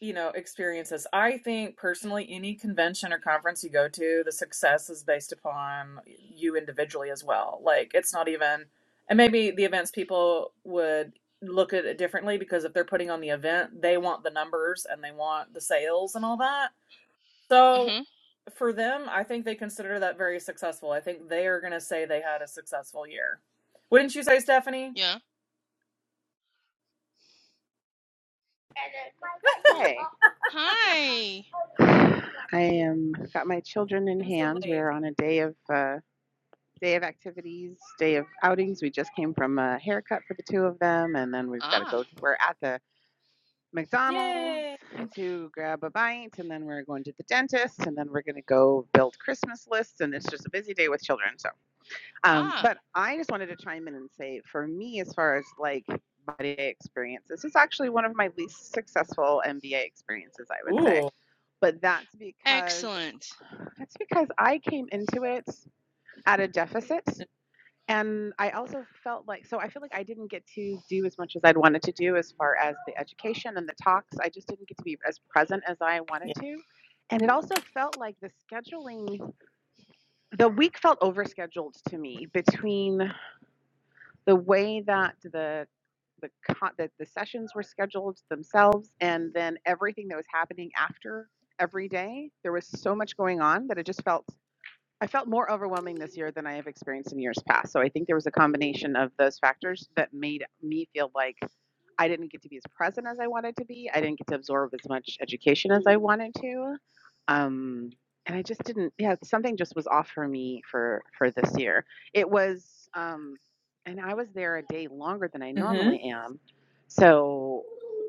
you know, experiences. I think personally, any convention or conference you go to, the success is based upon you individually as well. Like, it's not even, and maybe the events people would look at it differently because if they're putting on the event, they want the numbers and they want the sales and all that.
Mm-hmm.
So, for them, I think they consider that very successful. I think they are going to say they had a successful year. Wouldn't you say, Stephanie?
Yeah.
Hey,
Hi.
I am got my children in
I'm so
hands.
late.
We're on a day of uh, day of activities, day of outings. We just came from a haircut for the two of them, and then we've got to
Ah,
go. We're at the McDonald's
Yay.
to grab a bite, and then we're going to the dentist, and then we're going to go build Christmas lists. And it's just a busy day with children. So, um,
ah.
but I just wanted to chime in and say, for me, as far as like MBA day experience, this is actually one of my least successful MBA experiences, I would say
Ooh.
but that's because
Excellent.
that's because I came into it at a deficit and I also felt like so I feel like I didn't get to do as much as I'd wanted to do as far as the education and the talks. I just didn't get to be as present as I
Yeah.
wanted to. And it also felt like the scheduling the week felt overscheduled to me between the way that the the the, the sessions were scheduled themselves and then everything that was happening after every day there was so much going on that it just felt i felt more overwhelming this year than i have experienced in years past so i think there was a combination of those factors that made me feel like I didn't get to be as present as I wanted to be. I didn't get to absorb as much education as I wanted to. Um, and I just didn't, yeah, something just was off for me for for this year. It was, um, and I was there a day longer than I normally am. So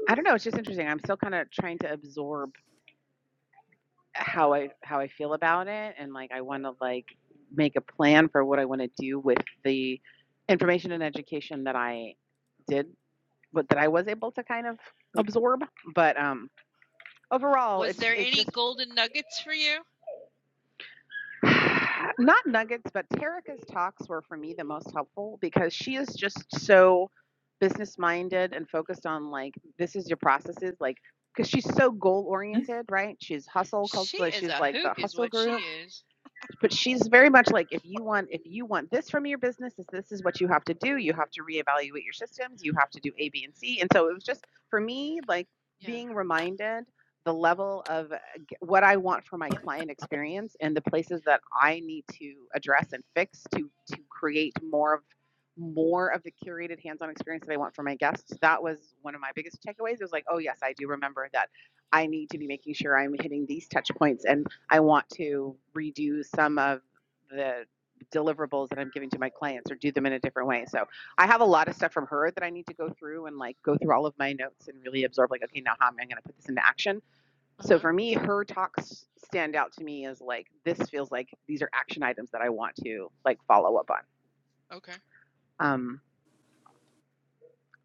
I don't know. It's just interesting. I'm still kind of trying to absorb how I how I feel about it, and like I want to like make a plan for what I want to do with the information and education that I did what that I was able to kind of
Mm-hmm.
absorb. But um, overall,
Was
it's
there
it
any
just
golden nuggets for you?
not nuggets, but Terica's talks were for me the most helpful because she is just so business minded and focused on like this is your processes like because she's so goal oriented right she's hustle cult
She
like,
is
she's
a
like the
hoot, is
hustle
what she
guru
is.
but she's very much like if you want if you want this from your business this, this is what you have to do you have to reevaluate your systems you have to do a b and c and so it was just for me like
Yeah.
being reminded the level of uh, what i want for my client experience and the places that i need to address and fix to to create more of more of the curated hands-on experience that i want for my guests that was one of my biggest takeaways it was like oh yes i do remember that i need to be making sure i'm hitting these touch points and I want to redo some of the deliverables that I'm giving to my clients or do them in a different way. So I have a lot of stuff from her that I need to go through and like go through all of my notes and really absorb like, okay, now how am I going to put this into action?
Uh
So
huh.
for me, her talks stand out to me as like, this feels like these are action items that I want to like follow up on.
Okay.
Um,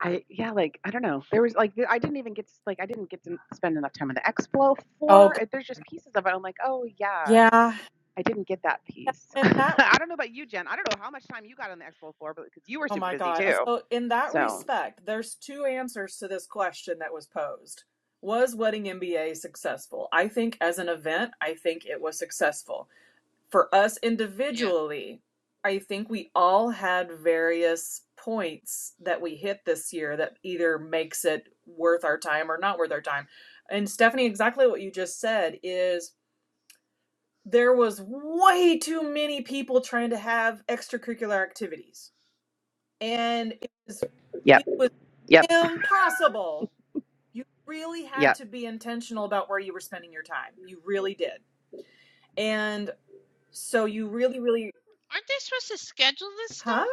I, yeah, like, I don't know. There was like, I didn't even get, to, like, I didn't get to spend enough time on the expo Flow
Oh,
floor.
God.
There's just pieces of it. I'm like, oh yeah,
yeah.
I didn't get that
Yeah,
piece.
In that,
I don't know about you, Jen. I don't know how much time you got on the expo floor, but because you were
oh
super
my
busy
God. uh,
too.
So, in that
So,
respect, there's two answers to this question that was posed. Was Wedding MBA successful? I think as an event, I think it was successful. For us
Yeah.
individually, I think we all had various points that we hit this year that either makes it worth our time or not worth our time. And Stephanie, exactly what you just said is there was way too many people trying to have extracurricular activities and it was,
yep,
it was
yep,
impossible you really had
yep.
to be intentional about where you were spending your time you really did and so you really really
Aren't they supposed to schedule this stuff?
huh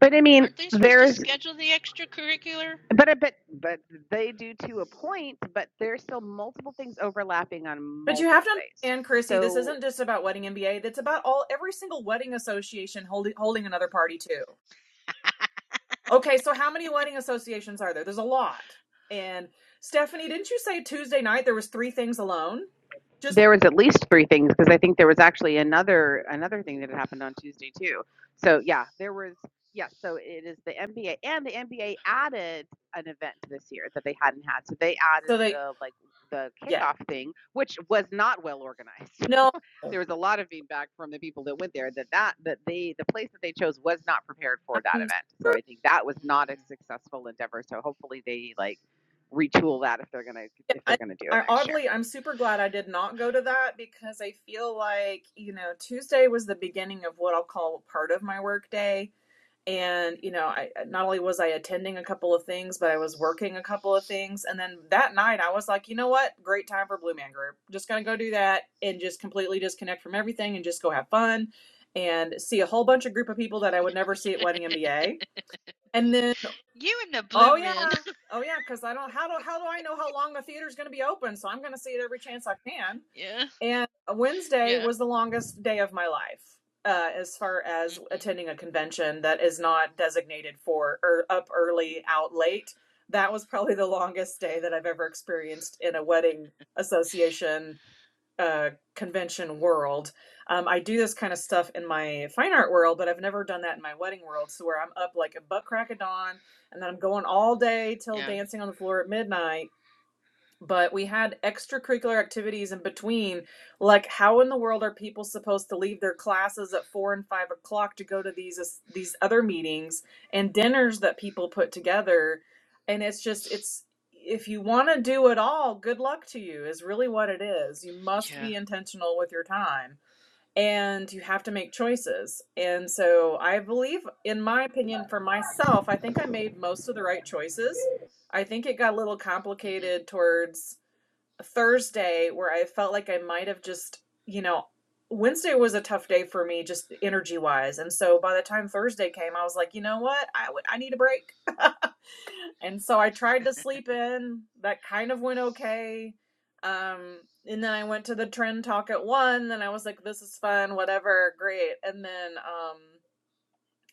But I mean,
Aren't they supposed to
there's,
schedule the extracurricular?
but I bet, but they do to a point. But there's still multiple things overlapping on
but you have
multiple
to
days.
understand chrissy this
So
isn't just about wedding mba that's about all every single wedding association holding holding another party too Okay, so how many wedding associations are there? There's a lot. And Stephanie, didn't you say Tuesday night there was three things alone? Just
there was at least three things because I think there was actually another another thing that had happened on Tuesday too. So yeah, there was yes. so it is the NBA and the NBA added an event this year that they hadn't had. So they added
so they,
the like the
yeah.
kickoff thing, which was not well organized.
No,
there was a lot of feedback from the people that went there that that that they the place that they chose was not prepared for that
I'm,
event. So I think that was not a
Mhm.
successful endeavor. So hopefully they like retool that if they're gonna
yeah,
if they're
I,
gonna do it
I
next year.
oddly, I'm super glad I did not go to that because I feel like, you know, Tuesday was the beginning of what I'll call part of my work day. and you know i not only was i attending a couple of things but i was working a couple of things and then that night i was like you know what great time for blue man group just gonna go do that and just completely disconnect from everything and just go have fun and see a whole bunch of group of people that i would never see at wedding mba and then
you and the blue
oh yeah
men.
oh yeah because i don't how do how do i know how long the theater's gonna be open so i'm gonna see it every chance i can
yeah.
and Wednesday
Yeah.
was the longest day of my life, uh, as far as
Mm-hmm.
attending a convention that is not designated for or up early, out late. That was probably the longest day that I've ever experienced in a wedding association uh, convention world. Um, I do this kind of stuff in my fine art world, but I've never done that in my wedding world. So where I'm up like a butt crack of dawn, and then I'm going all day till
Yeah.
dancing on the floor at midnight but we had extracurricular activities in between. Like, how in the world are people supposed to leave their classes at four and five o'clock to go to these these other meetings and dinners that people put together? And it's just it's if you want to do it all, good luck to you is really what it is. You must
Yeah.
be intentional with your time and you have to make choices. And so I believe in my opinion for myself, I think I made most of the right choices. I think it got a little
Mm-hmm.
complicated towards Thursday where I felt like I might have just, you know, Wednesday was a tough day for me just energy wise. And so by the time Thursday came, I was like, you know what? I w- I need a break. and so I tried to sleep in. That kind of went okay. Um, and then I went to the trend talk at one. Then I was like, this is fun, whatever, great. And then um,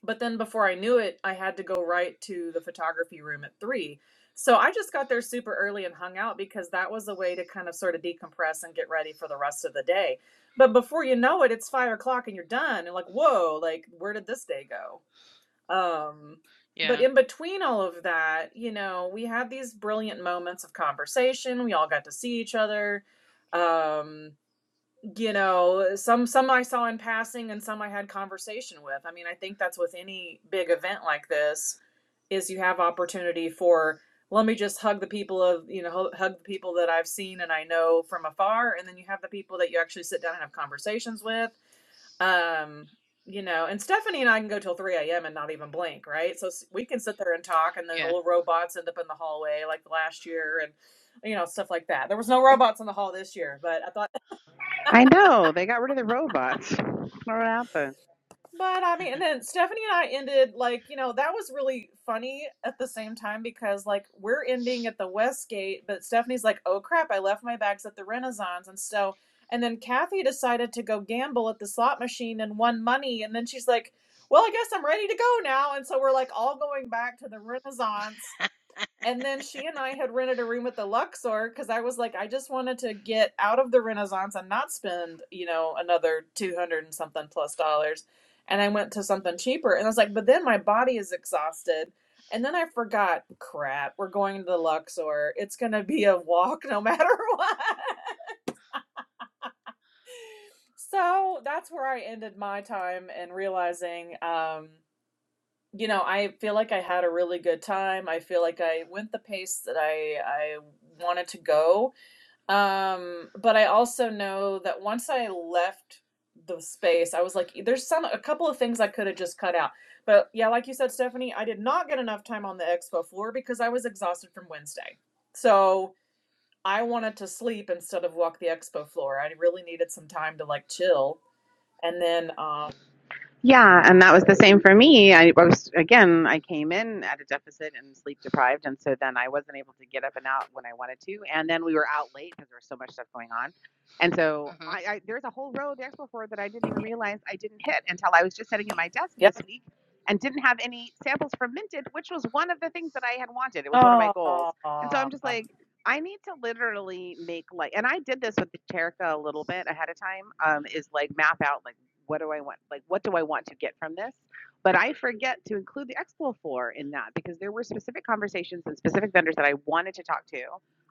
but then before I knew it, I had to go right to the photography room at three. So I just got there super early and hung out because that was a way to kind of sort of decompress and get ready for the rest of the day. But before you know it, it's five o'clock and you're done. And like, whoa, like where did this day go? Um, but
Yeah.
in between all of that, you know, we had these brilliant moments of conversation. We all got to see each other. Um, you know some some i saw in passing and some i had conversation with i mean i think that's with any big event like this is you have opportunity for let me just hug the people of you know hug the people that i've seen and i know from afar and then you have the people that you actually sit down and have conversations with um you know and stephanie and i can go till 3 a.m and not even blink right so we can sit there and talk and then the
Yeah.
little robots end up in the hallway like last year and you know stuff like that there was no robots in the hall this year but i thought
I know they got rid of the robots. What happened?
But I mean, and then Stephanie and I ended like, you know, that was really funny at the same time because like we're ending at the West Gate, but Stephanie's like, oh crap, I left my bags at the Renaissance. And so, and then Kathy decided to go gamble at the slot machine and won money. And then she's like, well, I guess I'm ready to go now. And so we're like all going back to the Renaissance and then she and I had rented a room at the Luxor because I was like, I just wanted to get out of the Renaissance and not spend, you know, another 200 and something plus dollars. And I went to something cheaper. And I was like, but then my body is exhausted. And then I forgot, crap, we're going to the Luxor. It's going to be a walk no matter what. So that's where I ended my time and realizing, um, you know, I feel like I had a really good time. I feel like I went the pace that I I wanted to go Um, but I also know that once I left the space, I was like, "E, there's some a couple of things I could have just cut out. But yeah, like you said, Stephanie, I did not get enough time on the expo floor because I was exhausted from Wednesday. So I wanted to sleep instead of walk the expo floor. I really needed some time to like chill. And then um
Yeah, and that was the same for me. I, was again, I came in at a deficit and sleep deprived, and so then I wasn't able to get up and out when I wanted to. And then we were out late because there was so much stuff going on. And
Uh
so
huh.
I, I there's a whole row of the expo floor that I didn't even realize I didn't hit until I was just sitting at my desk
yeah.
this week and didn't have any samples fermented, which was one of the things that I had wanted. It was one of my goals. And so
Oh,
I'm just like, I need to literally make like and I did this with the Terica a little bit ahead of time, um, is like map out like what do I want like what do I want to get from this? But I forget to include the Expo floor in that because there were specific conversations and specific vendors that I wanted to talk to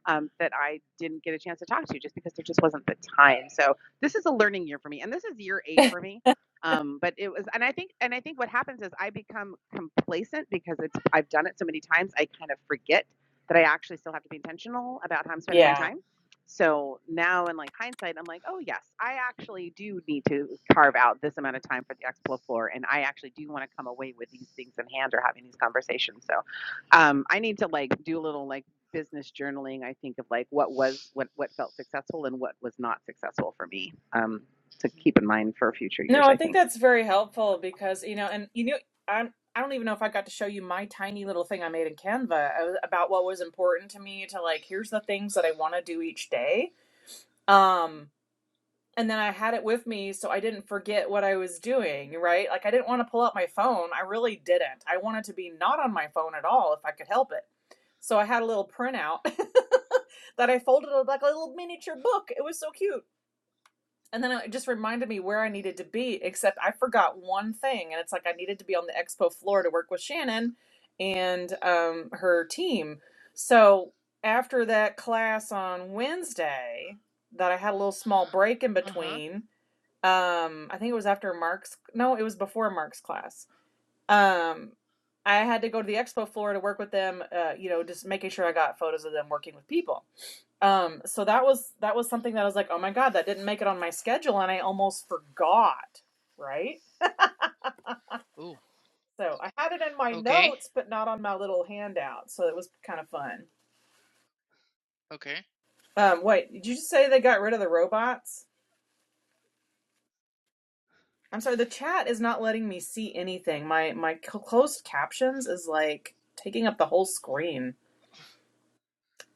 um, that I didn't get a chance to talk to just because there just wasn't the time. So this is a learning year for me, and this is year eight for me. Um, but it was, and I think, and I think what happens is I become complacent because it's I've done it so many times. I kind of forget that I actually still have to be intentional about how I'm spending my
yeah.
time. So now, in like hindsight, I'm like, oh yes, I actually do need to carve out this amount of time for the expo floor, and I actually do want to come away with these things in hand or having these conversations. So um, I need to like do a little like business journaling. I think of like what was what what felt successful and what was not successful for me um, to keep
hmm
in mind for future years.
No, I
I
think
think.
that's very helpful because, you know, and you knew I'm I don't even know if I got to show you my tiny little thing I made in Canva uh, about what was important to me to like here's the things that I want to do each day. Um and then I had it with me so I didn't forget what I was doing, right? Like I didn't want to pull out my phone. I really didn't. I wanted to be not on my phone at all if I could help it. So I had a little printout that I folded up like a little miniature book. It was so cute and then it just reminded me where I needed to be, except I forgot one thing. And it's like I needed to be on the expo floor to work with Shannon and um, her team. So after that class on Wednesday, that I had a little small break in
Uh huh.
between, um, I think it was after Mark's, no, it was before Mark's class. Um, I had to go to the expo floor to work with them, uh, you know, just making sure I got photos of them working with people. Um, so that was that was something that I was like, oh my god, that didn't make it on my schedule, and I almost forgot. Right.
Ooh.
So I had it in my
Okay.
notes, but not on my little handout. So it was kind of fun.
Okay.
Um, wait, did you just say they got rid of the robots? I'm sorry, the chat is not letting me see anything. My my closed captions is like taking up the whole screen.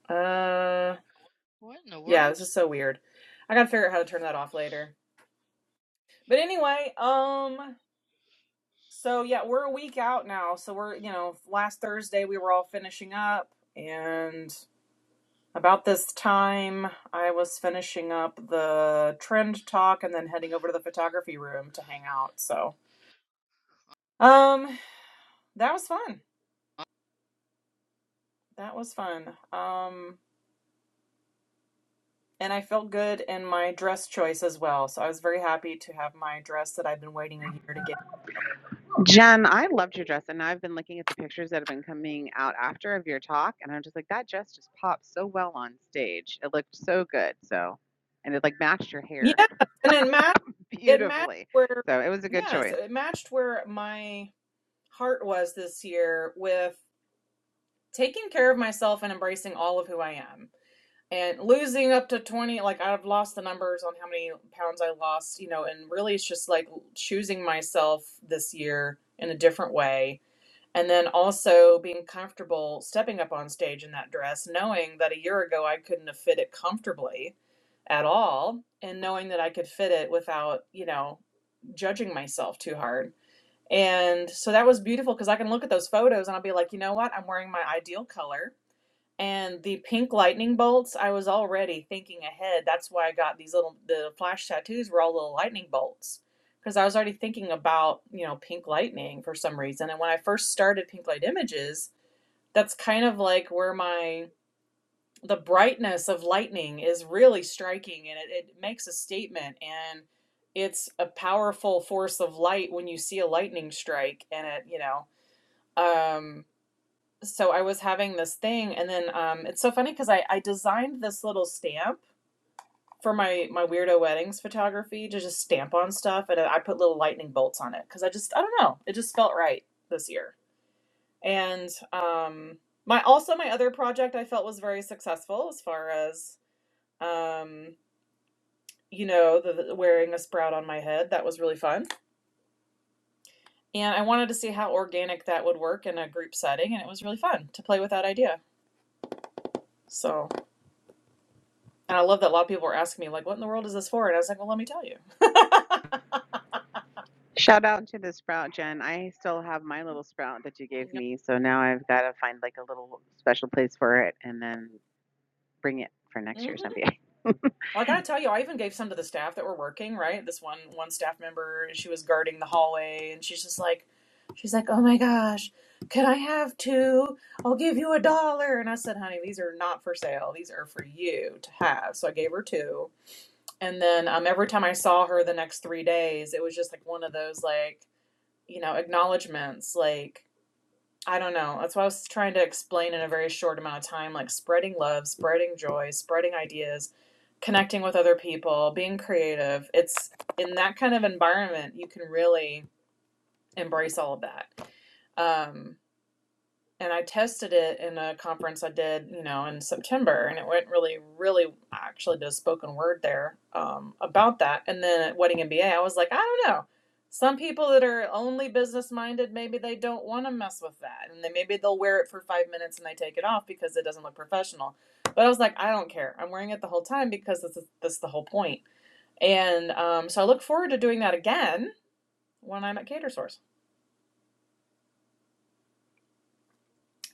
Uh,
What in the
yeah,
world?
this is so weird. I gotta figure out how to turn that off later. But anyway, um, So yeah, we're a week out now. So we're, you know, last Thursday we were all finishing up and about this time I was finishing up the trend talk and then heading over to the photography room to hang out. So, um that was fun. That was fun. Um and I felt good in my dress choice as well. So I was very happy to have my dress that I've been waiting a year to get.
Jen, I loved your dress, and I've been looking at the pictures that have been coming out after of your talk, and I'm just like, that dress just popped so well on stage. It looked so good, so, and it like matched your hair
Yes, and it matched it matched
beautifully.
where
So it was a good
yes,
choice.
it matched where my heart was this year with taking care of myself and embracing all of who I am and losing up to 20 like I've lost the numbers on how many pounds I lost, you know, and really it's just like choosing myself this year in a different way and then also being comfortable stepping up on stage in that dress knowing that a year ago I couldn't have fit it comfortably at all and knowing that I could fit it without, you know, judging myself too hard and so that was beautiful because I can look at those photos and I'll be like, you know what? I'm wearing my ideal color. And the pink lightning bolts, I was already thinking ahead. That's why I got these little, the flash tattoos were all little lightning bolts because I was already thinking about, you know, pink lightning for some reason. And when I first started Pink Light Images, that's kind of like where my the brightness of lightning is really striking and it, it makes a statement and it's a powerful force of light when you see a lightning strike and it you know um so i was having this thing and then um it's so funny because i i designed this little stamp for my my weirdo weddings photography to just stamp on stuff and i put little lightning bolts on it because i just i don't know it just felt right this year and um my also my other project i felt was very successful as far as um, you know, the, the wearing a sprout on my head. That was really fun. And I wanted to see how organic that would work in a group setting, and it was really fun to play with that idea. So, and I love that a lot of people were asking me, like, what in the world is this for? And I was like, well, let me tell you.
Shout out to the sprout, Jen. I still have my little sprout that you gave me, so now I've got to find like a little special place for it, and then bring it for next
Mm-hmm.
year's
Well,
NBA.
I gotta tell you, I even gave some to the staff that were working, right? This one one staff member, she was guarding the hallway, and she's just like, she's like, oh my gosh, can I have two? I'll give you a dollar. And I said, honey, these are not for sale. These are for you to have. So I gave her two And then um, every time I saw her the next three days, it was just like one of those like you know acknowledgments. Like I don't know. That's what I was trying to explain in a very short amount of time. Like spreading love, spreading joy, spreading ideas, connecting with other people, being creative. It's in that kind of environment you can really embrace all of that. Um, and I tested it in a conference I did, you know, in September, and it went really, really. I actually did a spoken word there um, about that, and then at Wedding MBA, I was like, I don't know. Some people that are only business minded, maybe they don't want to mess with that, and then maybe they'll wear it for five minutes and they take it off because it doesn't look professional. But I was like, I don't care. I'm wearing it the whole time because this is this is the whole point. And um, so I look forward to doing that again when I'm at Catersource.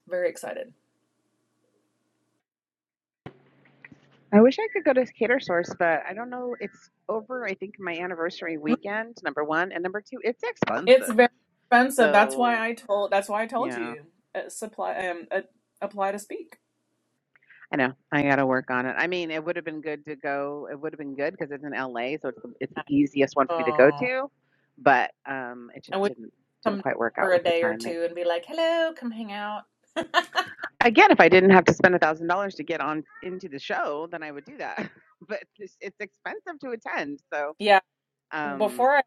Very excited.
I wish I could go to Cater Source, but I don't know. It's over, I think, my anniversary weekend, number one. And number two, it's
It's
expensive.
very expensive. That's why
So,
I told. That's why I told
yeah,
you uh, supply um uh, apply to speak.
I know. I got to work on it. I mean, it would have been good to go. It would have been good because it's in LA. So it's the, it's the easiest one for me to go
Oh,
to. But um, it
and
just
we
didn't
come
didn't
down
quite work
for
out
a
with the
day or
timing.
two and be like, "Hello, come hang out."
Again, if I didn't have to spend a thousand dollars to get on into the show, then I would do that. but it's, it's expensive to attend, so
Yeah.
um,
Before I,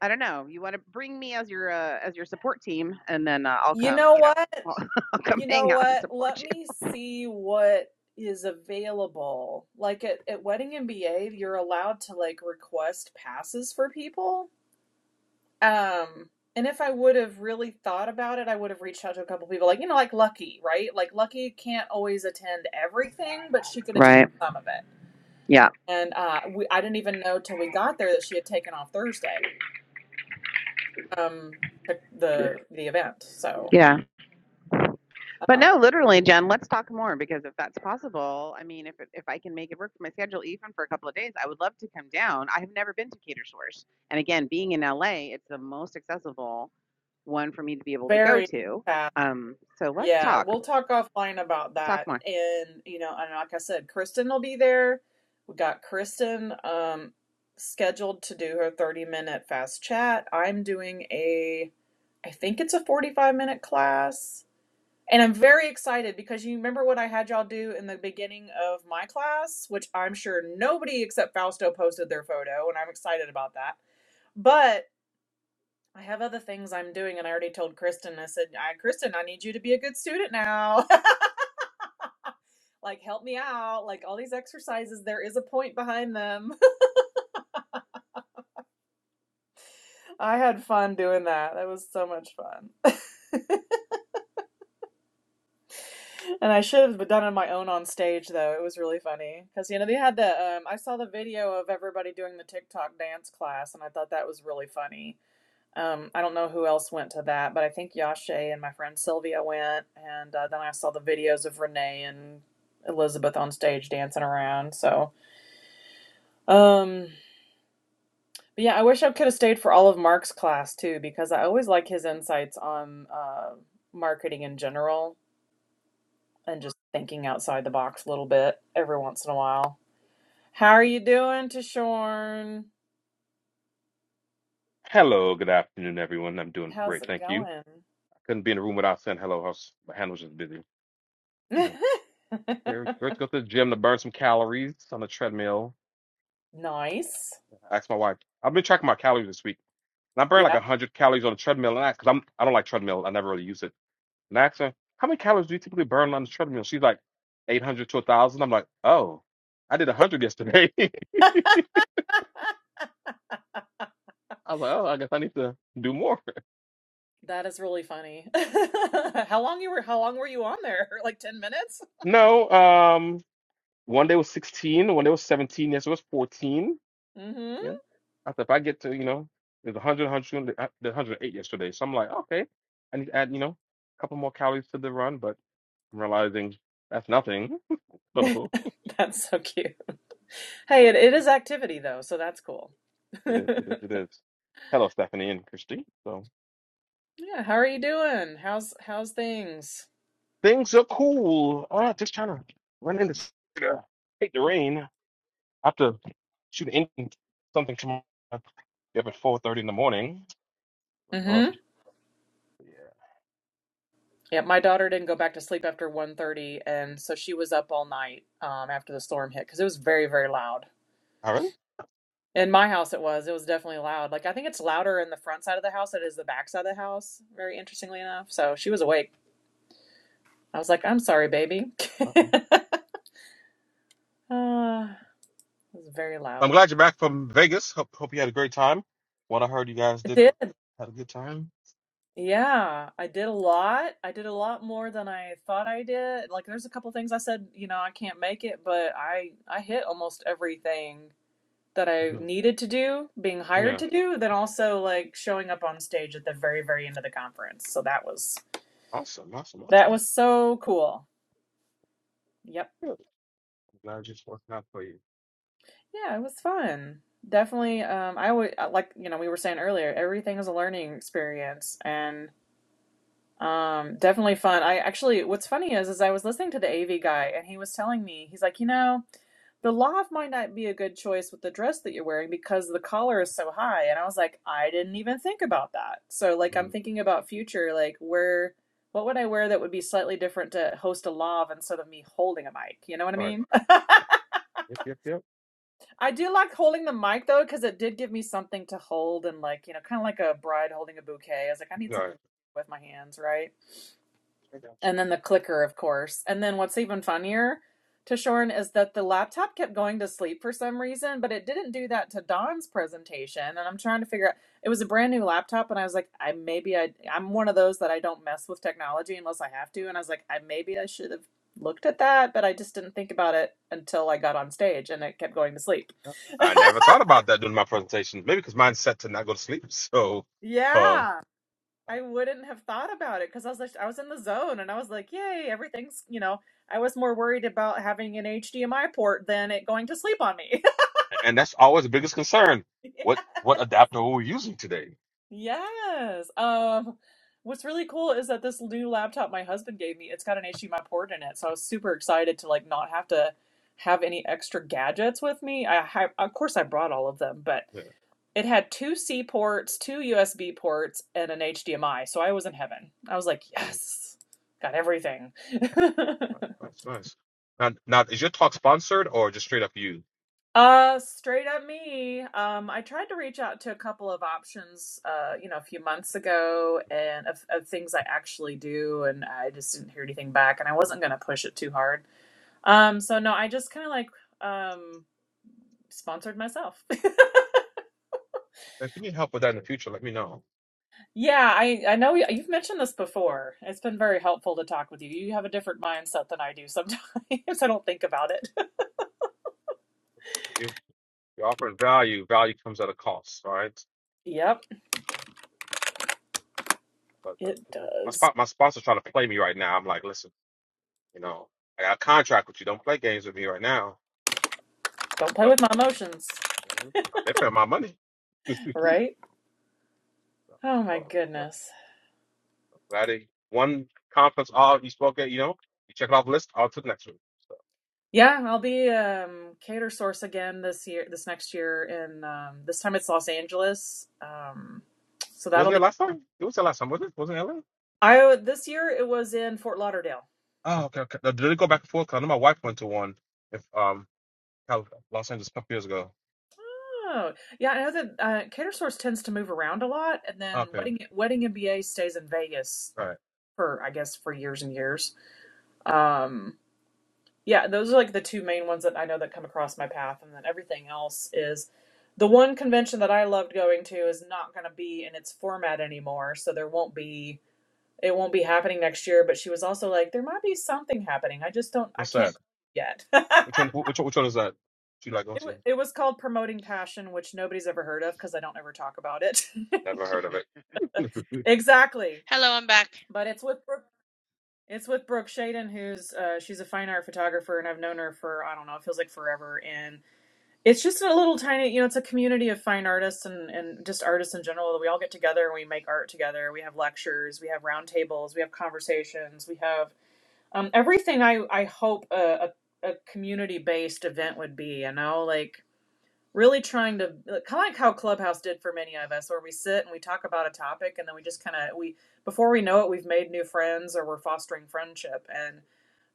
I don't know. You want to bring me as your uh, as your support team, and then uh, I'll
you
come.
know
You know,
what?
I'll, I'll come
You know
hang out and
what?
support
Let
you.
me see what is available. Like at at Wedding MBA, you're allowed to like request passes for people. Um, and if I would have really thought about it, I would have reached out to a couple people, like, you know, like Lucky, right? Like Lucky can't always attend everything, but she could attend
Right.
some of it.
Yeah.
And uh, we, I didn't even know till we got there that she had taken off Thursday, um, the the event. So
Yeah. But
um,
no, literally, Jen. Let's talk more because if that's possible, I mean, if if I can make it work for my schedule, even for a couple of days, I would love to come down. I have never been to Cater Source, and again, being in LA, it's the most accessible one for me to be able to go
very
to.
fast.
Um, so let's
Yeah,
talk.
we'll talk offline about
We'll talk
that.
more.
And you know, and like I said, Kristen will be there. We got Kristen um scheduled to do her 30 minute fast chat. I'm doing a I think it's a 45 minute class. And I'm very excited because you remember what I had y'all do in the beginning of my class, which I'm sure nobody except Fausto posted their photo, and I'm excited about that. But I have other things I'm doing, and I already told Kristen, I said, I, Kristen, I need you to be a good student now. like, help me out. Like, all these exercises, there is a point behind them. I had fun doing that. That was so much fun. And I should have done it on my own on stage though. It was really funny because you know they had the um, I saw the video of everybody doing the TikTok dance class, and I thought that was really funny. Um, I don't know who else went to that, but I think Yashe and my friend Sylvia went, and uh, then I saw the videos of Renee and Elizabeth on stage dancing around. So, um, but yeah, I wish I could have stayed for all of Mark's class too because I always like his insights on uh, marketing in general and just thinking outside the box a little bit every once in a while. How are you doing, Tashorn?
Hello, good afternoon, everyone. I'm doing
How's
great,
it
thank you.
going?
I couldn't be in a room without saying hello. I was, my hand was just busy. I'm doing okay. Let's go to the gym to burn some calories on the treadmill.
nice.
I asked my wife. I've been tracking my calories this week, and I burned like
Yeah.
100 calories on the treadmill. And I, because I'm, I don't like treadmill. I never really use it. And I asked her, "How many calories do you typically burn on the treadmill?" She's like, "800 to 1,000." I'm like, "Oh, I did 100 yesterday." I was like, "Oh, I guess I need to do more."
That is really funny. how long you were how long were you on there? Like 10 minutes?
No, um, one day was 16, one day was 17, yesterday was 14.
mm
Yeah. I said if I get to, you know, there's 100, 100, uh, there's 108 yesterday. So I'm like, okay, I need to add, you know, a couple more calories to the run, but I'm realizing that's nothing.
Mhm.
So
that's so cute.
yeah,
Hey, it, it is activity though, so that's cool.
it
yeah,
is, it is, it is. Hello, Stephanie and Christy. So
how are you doing? How's how's things?
things are cool. All right, just trying to run into s- uh, hate the rain. I have to shoot in something tomorrow. Be up at 4:30 in the morning.
Mm-hmm.
Ugh, yeah.
Yeah, my daughter didn't go back to sleep after one thirty, and so she was up all night um, after the storm hit because it was very, very loud.
All
In my house, it was. It was definitely loud. Like I think it's louder in the front side of the house than it is the back side of the house. Very interestingly enough, so she was awake. I was like, "I'm sorry, baby." uh,
right.
it was very
I'm
loud.
glad you're back from Vegas. Hope, hope you had a great time. What I heard, you guys
It
did
did.
had a good time.
Yeah, I did a lot. I did a lot more than I thought I did. Like there's a couple things I said, you know, I can't make it, but I I hit almost everything that I
hmm
needed to do, being hired
Yeah,
to do, then also like showing up on stage at the very, very end of the conference. So that was
awesome, awesome,
that
awesome.
was so cool. Yep.
Good. I'm glad it's working out for you.
Yeah, it was fun. Definitely. Um, I would like you know we were saying earlier, everything is a learning experience, and Um, definitely fun. I actually, what's funny is, is I was listening to the AV guy and he was telling me, he's like, you know, the loft might not be a good choice with the dress that you're wearing because the collar is so high. And I was like, I didn't even think about that. So like, I'm
Mm.
thinking about future, like where, what would I wear that would be slightly different to host a lav instead of me holding a mic? You know what I
All right.
mean?
Yep, yep, yep.
I do like holding the mic though, because it did give me something to hold and like, you know, kind of like a bride holding a bouquet. I was like, I need
All
something
right.
with my hands, right?
I got you.
and then the clicker, of course. And then what's even funnier to Shorn is that the laptop kept going to sleep for some reason, but it didn't do that to Don's presentation. And I'm trying to figure out it was a brand new laptop, and I was like, I maybe I I'm one of those that I don't mess with technology unless I have to. And I was like, I maybe I should have looked at that, but I just didn't think about it until I got on stage and it kept going to sleep.
Yep. I never thought about that during my presentation. Maybe because mine's set to not go to sleep. So, um,
yeah. I wouldn't have thought about it because I was like, I was in the zone and I was like, yay, everything's, you know, I was more worried about having an HDMI port than it going to sleep on me.
and that's always the biggest concern.
Yeah.
What what adapter are we using today?
Yes. Um, what's really cool is that this new laptop my husband gave me, it's got an HDMI port in it. So I was super excited to like not have to have any extra gadgets with me. I, I of course I brought all of them, but
Yeah.
It had two C ports, two USB ports, and an HDMI. So I was in heaven. I was like,
Mm.
yes, got everything.
Nice, nice. nice. Now, now, is your talk sponsored or just straight up you?
uh, straight up me. Um, I tried to reach out to a couple of options, uh, you know, a few months ago, and of, of things I actually do, and I just didn't hear anything back, and I wasn't gonna push it too hard. Um, so no, I just kind of like um sponsored myself.
If you need help with that in the future, let me know.
Yeah, I I know you- you've mentioned this before. It's been very helpful to talk with you. You have a different mindset than I do sometimes. I don't think about it.
You're offering value. Value comes at a cost. All right.
Yep,
But, but
it
you know, my
does.
spot, my sponsor's trying to play me right now. I'm like, listen, you know, I got a contract with you. Don't play games with me right now.
Don't play
But
with my emotions,
you know, they're paying my money. so,
right? Oh my
so, so
goodness.
so glad they one conference all you spoke at. You know, you check it off the list. All to the next one. So,
Yeah, I'll be um cater source again this year this next year and um this time it's Los Angeles. Um so that'll
wasn't it
be
last time? It was the last time, wasn't it? Wasn't it LA?
I this year it was in Fort Lauderdale.
Oh, okay, okay. Now, did it go back and forth? 'Cause I know my wife went to one. If um, Cal- Los Angeles a couple years ago.
Oh, yeah, I know that uh, Cater Source tends to move around a lot, and then
Okay,
Wedding Wedding MBA stays in Vegas
all right.
for I guess for years and years. Um, yeah, those are like the two main ones that I know that come across my path, and then everything else is the one convention that I loved going to is not going to be in its format anymore, so there won't be it won't be happening next year. But she was also like, there might be something happening. I just don't, I
What's that?
can't yet. it,
Which one? Which one- which one is that? You like go
wa-
to?
it was called promoting passion, which nobody's ever heard of because I don't ever talk about it.
Never heard of it.
exactly,
Hello, I'm back.
but it's with It's with Brooke Shaden, who's uh, she's a fine art photographer, and I've known her for I don't know, it feels like forever. And it's just a little tiny, you know, it's a community of fine artists and and just artists in general that we all get together and we make art together. We have lectures, we have roundtables, we have conversations, we have um, everything. I I hope a a, a community based event would be, you know, like really trying to kind of like how Clubhouse did for many of us, where we sit and we talk about a topic, and then we just kind of we before we know it, we've made new friends or we're fostering friendship and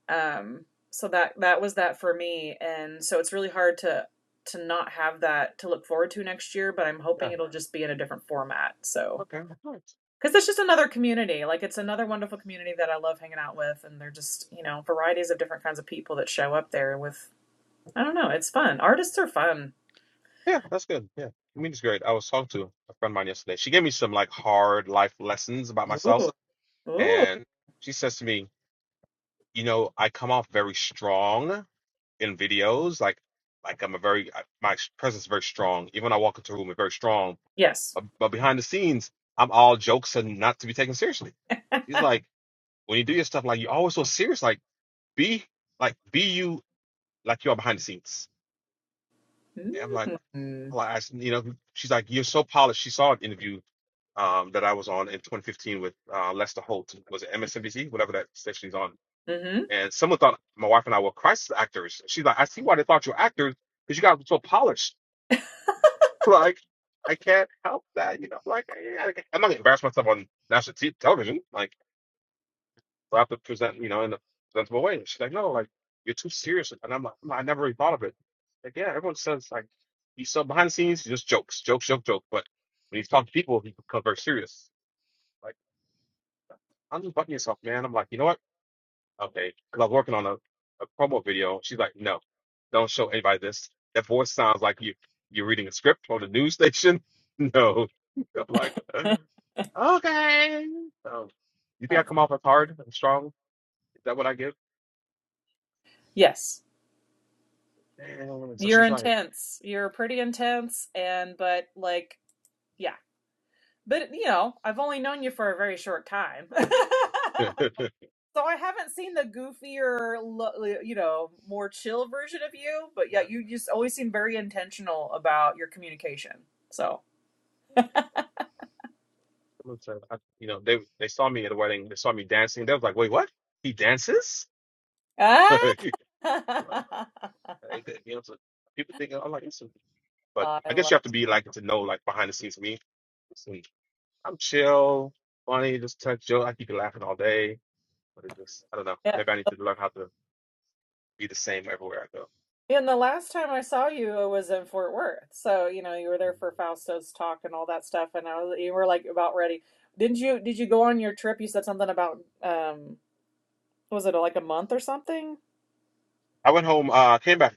um, so that that was that for me, and so it's really hard to to not have that to look forward to next year. But I'm
yeah.
hoping it'll just be in a different format. So
Okay. Alright.
because it's just another community, like it's another wonderful community that I love hanging out with, and they're just you know varieties of different kinds of people that show up there with. I don't know, it's fun. Artists are fun.
Yeah, that's good. Yeah. I mean, it's great. I was talking to a friend of mine yesterday. She gave me some like hard life lessons about myself,
Ooh. Ooh,
and she says to me, "You know, I come off very strong in videos. Like, like I'm a very I- my presence is very strong. Even when I walk into a room, it's very strong.
yes.
But, but behind the scenes, I'm all jokes and not to be taken seriously." She's like, "When you do your stuff, like you're always so serious. Like, be like be you like you are behind the scenes. And I'm like,
Mm.
I'm like, I s- you know, she's like, you're so polished. She saw an interview um, that I was on in 2015 with uh, Lester Holt. Was it MSNBC, whatever that station he's on?
Mm-hmm.
And someone thought my wife and I were crisis actors. She's like, I see why they thought you were actors because you guys were so polished. Like, I can't help that, you know. Like, I, I- I'm not gonna embarrass myself on national t- television. Like. So I have to present, you know, in a presentable way. She's like, no, like you're too serious. And I'm like, "No, I never really thought of it. Like, yeah, everyone says like he's so behind the scenes, he just jokes, jokes, joke, joke. But when he's talking to people, he becomes very serious. Like, I'm just butting yourself, man. I'm like, you know what? Okay. Because I was working on a, a promo video. She's like, no, don't show anybody this. That voice sounds like you you're reading a script on the news station. No. I'm like, okay. So, you think I come off as hard and strong? Is that what I give?
yes.
Damn, So
You're
she's right.
intense. You're pretty intense and but like yeah, But you know, I've only known you for a very short time. So I haven't seen the goofier, lo- uh, you know, more chill version of you, but yeah,
Uh,
you just always seem very intentional about your communication. So,
looks like I- you know, they they saw me at a wedding. They saw me dancing. They was like, "Wait, what? He dances?" Like,
ah! I
like, you know, so people think I'm like, "Listen," but I guess
love
you have to be like to know like behind the scenes me. Listen, I'm chill, funny, just touch joke. I keep it laughing all day. But it's just, I don't know.
it.
Maybe I need to learn how to be the same everywhere I go.
And the last time I saw you I was in Fort Worth. So, you know, you were there for Fausto's talk and all that stuff and I was you were like about ready. Didn't you did you go on your trip? You said something about um was it like a month or something?
I went home. Uh, came back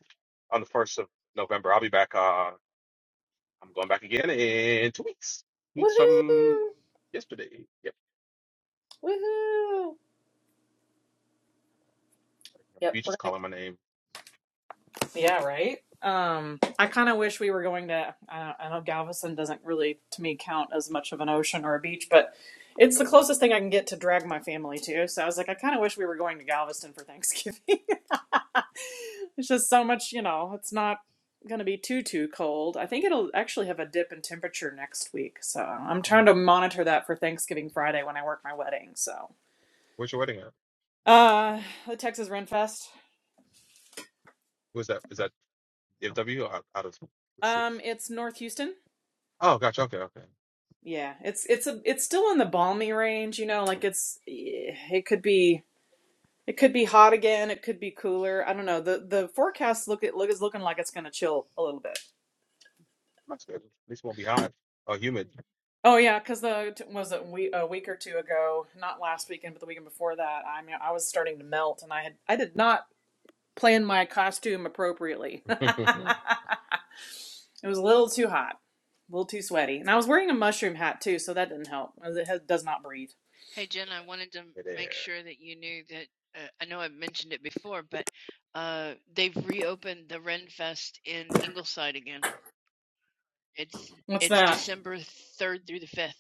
on the first of November. I'll be back. Uh. I'm going back again in two weeks. Two weeks from
Woohoo!
yesterday. Yep.
Woohoo!
the
Yep,
beach is
we're gonna,
calling my name.
yeah, right. Um, I kind of wish we were going to. I, I know Galveston doesn't really, to me, count as much of an ocean or a beach, but it's the closest thing I can get to drag my family to. So I was like, I kind of wish we were going to Galveston for Thanksgiving. it's just so much, you know. It's not gonna be too too cold. I think it'll actually have a dip in temperature next week, so I'm
Mhm.
trying to monitor that for Thanksgiving Friday when I work my wedding. So,
Where's your wedding at?
uh, the Texas Ren Fest.
Who's that? Is that DFW or out, out of the city?
Um, it's North Houston.
Oh, gotcha. Okay, okay.
Yeah, it's it's a it's still in the balmy range, you know, like it's it could be it could be hot again, it could be cooler. I don't know. The the forecast look it look is looking like it's going to chill a little bit.
That's good. At least it won't be hot or humid.
Oh yeah, cuz the was it we, a week or two ago, not last weekend but the weekend before that, I mean I was starting to melt and I had I did not plan my costume appropriately. it
Over
was a little too hot, a little too sweaty. And I was wearing a mushroom hat too, so that didn't help. It has, does not breathe.
Hey, Jen, I wanted to make
there.
sure that you knew that uh, I know I've mentioned it before, but uh, they've reopened the Ren Fest in Ingleside again. It's
What's
it's
that?
December 3rd through the 5th.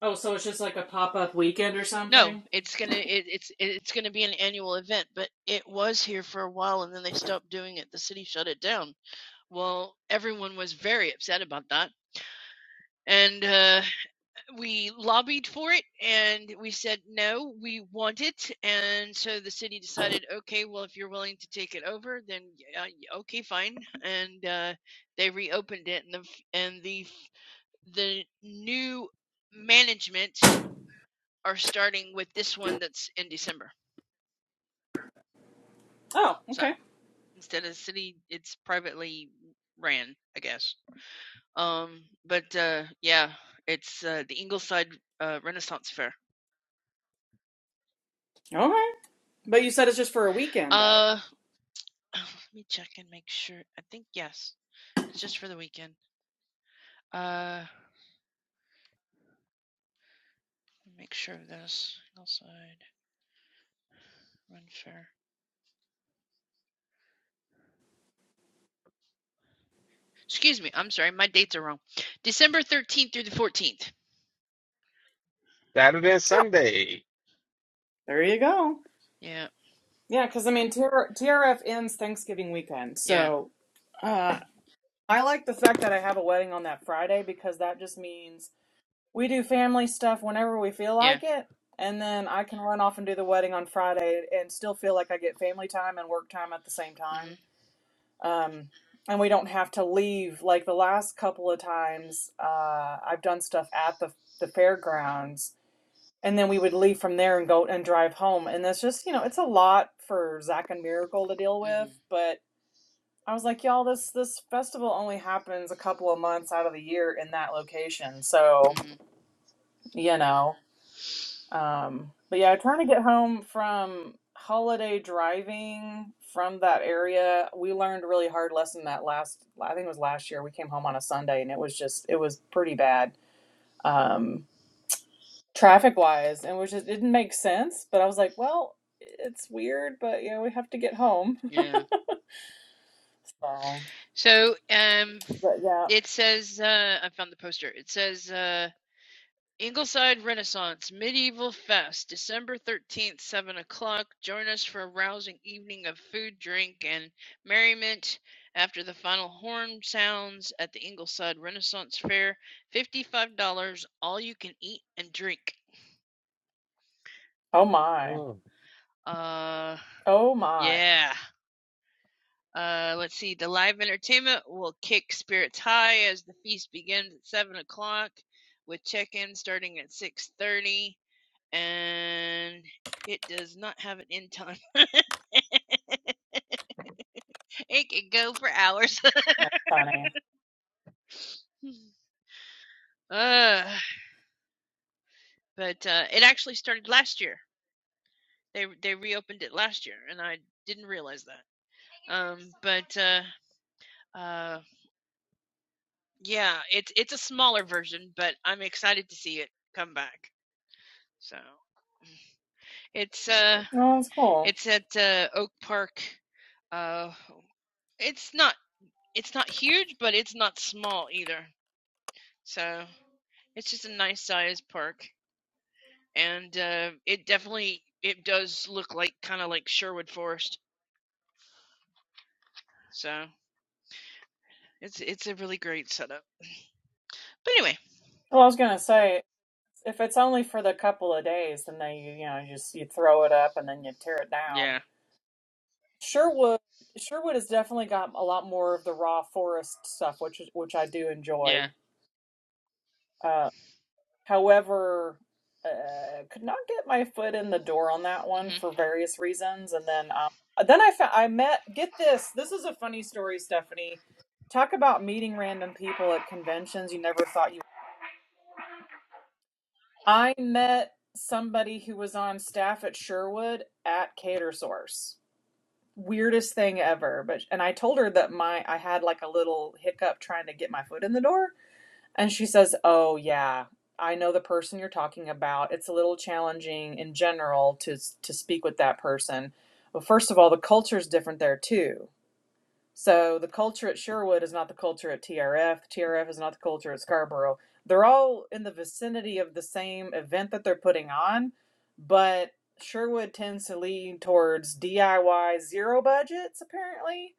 Oh, so it's just like a pop up weekend or
No,
something?
it's gonna it, it's it's gonna be an annual event, but it was here for a while and then they stopped doing it. The city shut it down. Well, everyone was very upset about that, and uh, we lobbied for it and we said no we want it and so the city decided okay well if you're willing to take it over then yeah, y- okay fine and uh, they reopened it and the f- and the f- the new management are starting with this one that's in december
Oh,
so
okay.
instead of city it's privately ran i guess um but uh yeah it's uh, the ingleside uh, renaissance fair
okay. But you said it's just for a weekend, though.
Uh. Let me check and make sure. I think yes. It's just for the weekend. Uh make sure of this. Hillside, run fair. Excuse me, I'm sorry, my dates are wrong. December thirteenth through the fourteenth.
Saturday and
Oh,
Sunday.
there you go.
Yeah,
Yeah, because I mean, TRF ends Thanksgiving weekend.
yeah,
So uh, I like the fact that I have a wedding on that Friday because that just means we do family stuff whenever we feel
yeah.
like it. And then I can run off and do the wedding on Friday and still feel like I get family time and work time at the same time.
Mhm.
um, and we don't have to leave like the last couple of times uh, i've done stuff at the, the fairgrounds and then we would leave from there and go and drive home and that's just you know it's a lot for zach and miracle to deal with
Mhm.
but i was like y'all this this festival only happens a couple of months out of the year in that location so
Mhm.
you know um, but yeah, trying to get home from holiday driving from that area. We learned a really hard lesson that last, I think it was last year. We came home on a Sunday and it was just, it was pretty bad, um, traffic wise, and which just it didn't make sense. But I was like, well, it's weird, but yeah, we have to get home.
Yeah.
So,
So um
but yeah.
it says uh I found the poster. It says uh Ingleside Renaissance Medieval Fest, December 13th, 7 o'clock. Join us for a rousing evening of food, drink, and merriment after the final horn sounds at the Ingleside Renaissance Fair. $55, all you can eat and drink.
Oh my.
Oh.
Uh,
Oh my.
yeah. Uh, let's see. The live entertainment will kick spirits high as the feast begins at 7 o'clock with check-in starting at 6:30 and it does not have an end time. It can go for hours.
That's funny.
uh, but uh, it actually started last year. They they reopened it last year, and I didn't realize that. Um, but uh, uh, yeah, it's it's a smaller version, but I'm excited to see it come back. So it's uh
Well, that's cool.
it's at uh, Oak Park. Uh, it's not it's not huge, but it's not small either. So it's just a nice sized park. and uh, it definitely it does look like kind of like Sherwood Forest. So it's it's a really great setup. But anyway,
Well, I was gonna say. If it's only for the couple of days, then they you know you just you throw it up and then you tear it down.
yeah,
Sherwood Sherwood has definitely got a lot more of the raw forest stuff, which is which I do
yeah.
enjoy. Uh, however, uh, could not get my foot in the door on that one
hmm
for various reasons, and then um, then I found I met get this this is a funny story, Stephanie. Talk about meeting random people at conventions you never thought you I met somebody who was on staff at Sherwood at Catersource. Weirdest thing ever. But and I told her that my I had like a little hiccup trying to get my foot in the door, and she says, "Oh yeah, I know the person you're talking about. It's a little challenging in general to to speak with that person. Well, first of all, the culture is different there too so the culture at Sherwood is not the culture at TRF. The TRF is not the culture at Scarborough. They're all in the vicinity of the same event that they're putting on, but Sherwood tends to lean towards DIY zero budgets, apparently,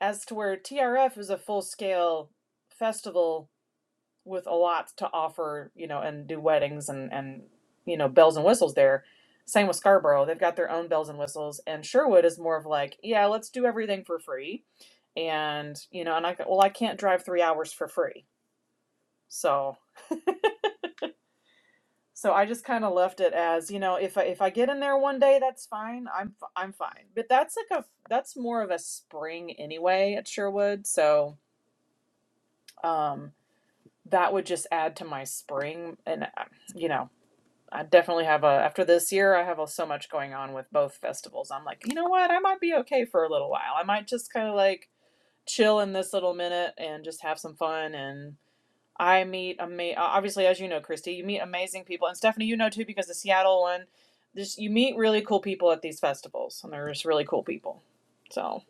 as to where TRF is a full scale festival with a lot to offer, you know, and do weddings and and you know bells and whistles there. Same with Scarborough, they've got their own bells and whistles, and Sherwood is more of like, yeah, let's do everything for free, and you know, and I well, I can't drive three hours for free, so so I just kind of left it as, you know, if I if I get in there one day, that's fine, I'm f- I'm fine, but that's like a that's more of a spring anyway at Sherwood, so um that would just add to my spring and uh, you know. I definitely have a after this year I have a, so much going on with both festivals. I'm like, you know what? I might be okay for a little while. I might just kind of like chill in this little minute and just have some fun and I meet ama- obviously as you know, Christy, you meet amazing people and Stephanie, you know too because the Seattle one, just you meet really cool people at these festivals and they're just really cool people. So,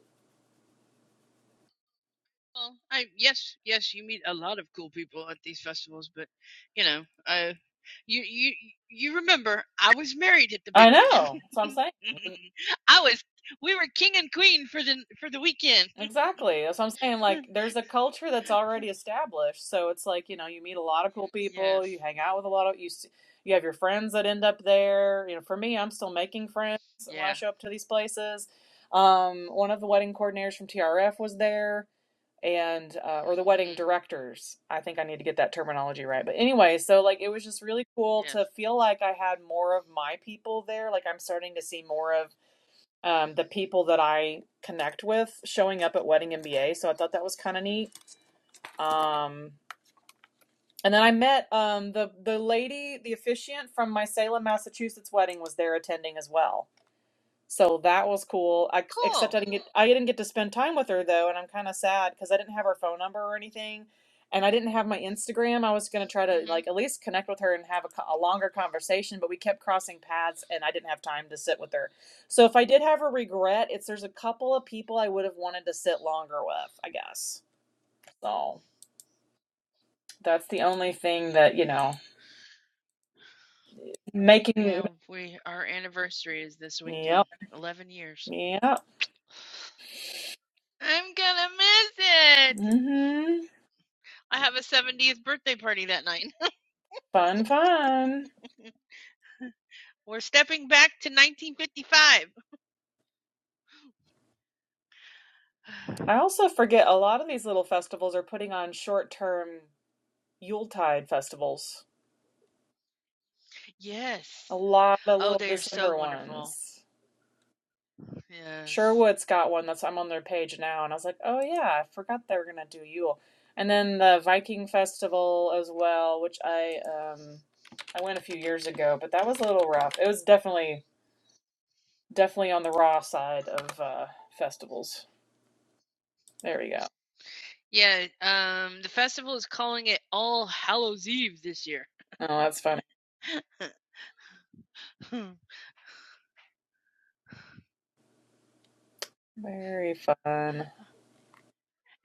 Well, I yes, yes, you meet a lot of cool people at these festivals, but you know, uh, you you you remember I was married at the big
I know. That's what I'm
one.
saying.
I was we were king and queen for the for the weekend.
Exactly. That's what I'm saying. Like, there's a culture that's already established. So it's like, you know, you meet a lot of cool people,
yes.
you hang out with a lot of you, s- you have your friends that end up there. You know, for me, I'm still making friends when I
Yeah.
show up to these places. Um, one of the wedding coordinators from TRF was there, and uh, or the wedding
Mhm.
directors. I think I need to get that terminology right. But anyway, so like, it was just really cool
Yes.
to feel like I had more of my people there. Like, I'm starting to see more of um, the people that I connect with showing up at Wedding MBA. So I thought that was kind of neat. Um, and then I met um, the the lady, the officiant from my Salem, Massachusetts wedding was there attending as well. So that was cool. I, except
Cool.
I didn't get I didn't get to spend time with her though, and I'm kind of sad because I didn't have her phone number or anything, and I didn't have my Instagram. I was gonna try to
Mhm.
like at least connect with her and have a, co- a longer conversation, but we kept crossing paths, and I didn't have time to sit with her. So if I did have a regret, it's there's a couple of people I would have wanted to sit longer with, I guess. So that's the only thing that you know making.
Yeah, we our anniversary is this weekend.
Yep,
Eleven years.
yep.
I'm gonna miss it.
Mm-hmm.
I have a 70th birthday party that night.
Fun, fun.
We're stepping back to 1955.
I also forget a lot of these little festivals are putting on short-term Yuletide festivals. A
yes.
lot of
Oh,
little
they are so
December
wonderful.
ones.
Yes.
Sherwood's got one that's I'm on their page now, and I was like, oh yeah, I forgot they were gonna do Yule. And then the Viking Festival as well, which I um I went a few years ago, but that was a little rough. It was definitely definitely on the raw side of uh festivals. There we go.
Yeah. Um, the festival is calling it All Hallows Eve this year.
Oh, that's funny.
Hmm.
Very fun.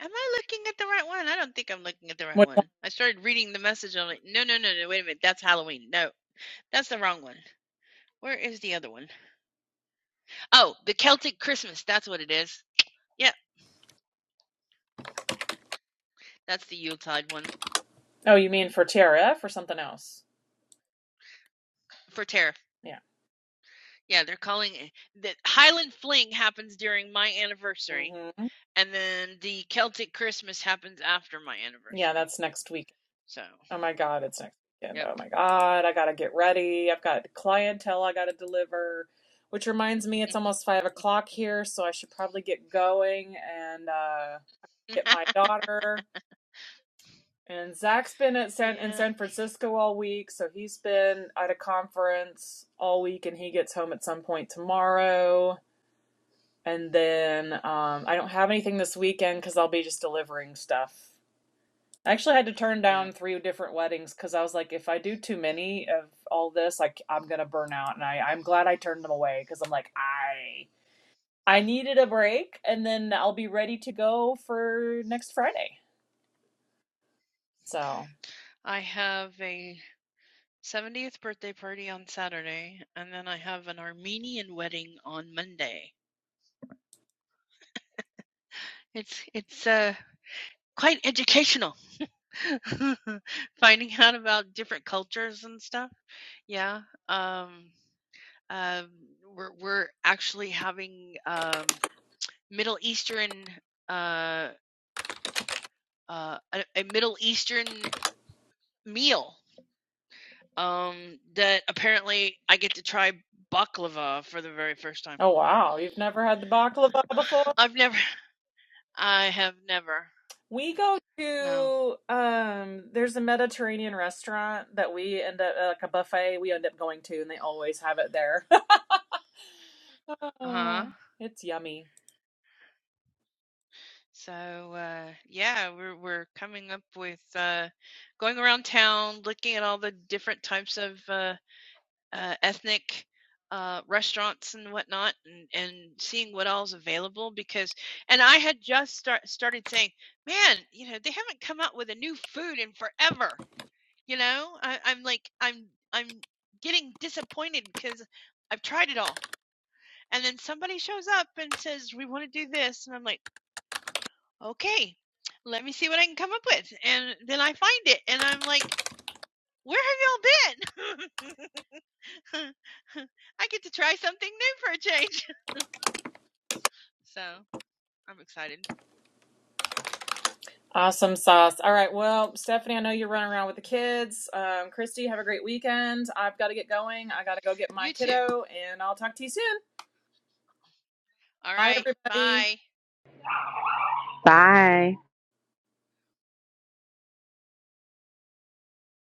Am I looking at the right one? I don't think I'm looking at the right
What,
one. I started reading the message on it. No, no, no, no. Wait a minute. That's Halloween. No, that's the wrong one. Where is the other one? Oh, the Celtic Christmas. That's what it is. Yeah, that's the Yuletide one
oh, you mean for TRF or something else?
for Tara.
Yeah.
Yeah, they're calling it. The Highland Fling happens during my anniversary,
hmm
and then the Celtic Christmas happens after my
Yeah,
anniversary.
that's next week.
So,
Oh my God, it's next weekend.
yep.
Oh my God, I gotta get ready. I've got clientele I gotta deliver, which reminds me it's almost five o'clock here, so I should probably get going and uh, get my daughter. And Zach's been at San in
yeah,
San Francisco all week, so he's been at a conference all week, and he gets home at some point tomorrow. And then um, I don't have anything this weekend because I'll be just delivering stuff I actually had to turn
yeah.
down three different weddings because I was like, if I do too many of all this, like I'm gonna burn out. And I, I'm glad I turned them away because I'm like, I I needed a break, and then I'll be ready to go for next Friday. So,
I have a 70th birthday party on Saturday, and then I have an Armenian wedding on Monday. It's it's uh quite educational, finding out about different cultures and stuff. Yeah. Um, um, we're we're actually having um, Middle Eastern uh, uh, a, a Middle Eastern meal um, that apparently I get to try baklava for the very first time.
oh wow, you've never had the baklava
Uh,
before?
I've never, I have never,
We go
no.
to um, there's a Mediterranean restaurant that we end up uh, like a buffet we end up going to, and they always have it there.
Uh-huh.
Ah, it's yummy.
So uh, yeah, we're we're coming up with uh, going around town, looking at all the different types of. uh. uh, ethnic uh, restaurants and whatnot, and, and seeing what all's available. Because, and I had just start, started saying, man, you know, they haven't come out with a new food in forever. You know, I, I'm like, I'm, I'm getting disappointed because I've tried it all. And then somebody shows up and says, we want to do this. And I'm like, okay, let me see what I can come up with. And then I find it and I'm like, where have y'all been? I get to try something new for a change. So I'm excited.
Awesome sauce. All right. Well, Stephanie, I know you're running around with the kids. Um, Christy, have a great weekend. I've got to get going. I got to go get my
You too.
kiddo, and I'll talk to you soon.
All
Bye,
right.
everybody.
Bye.
Bye.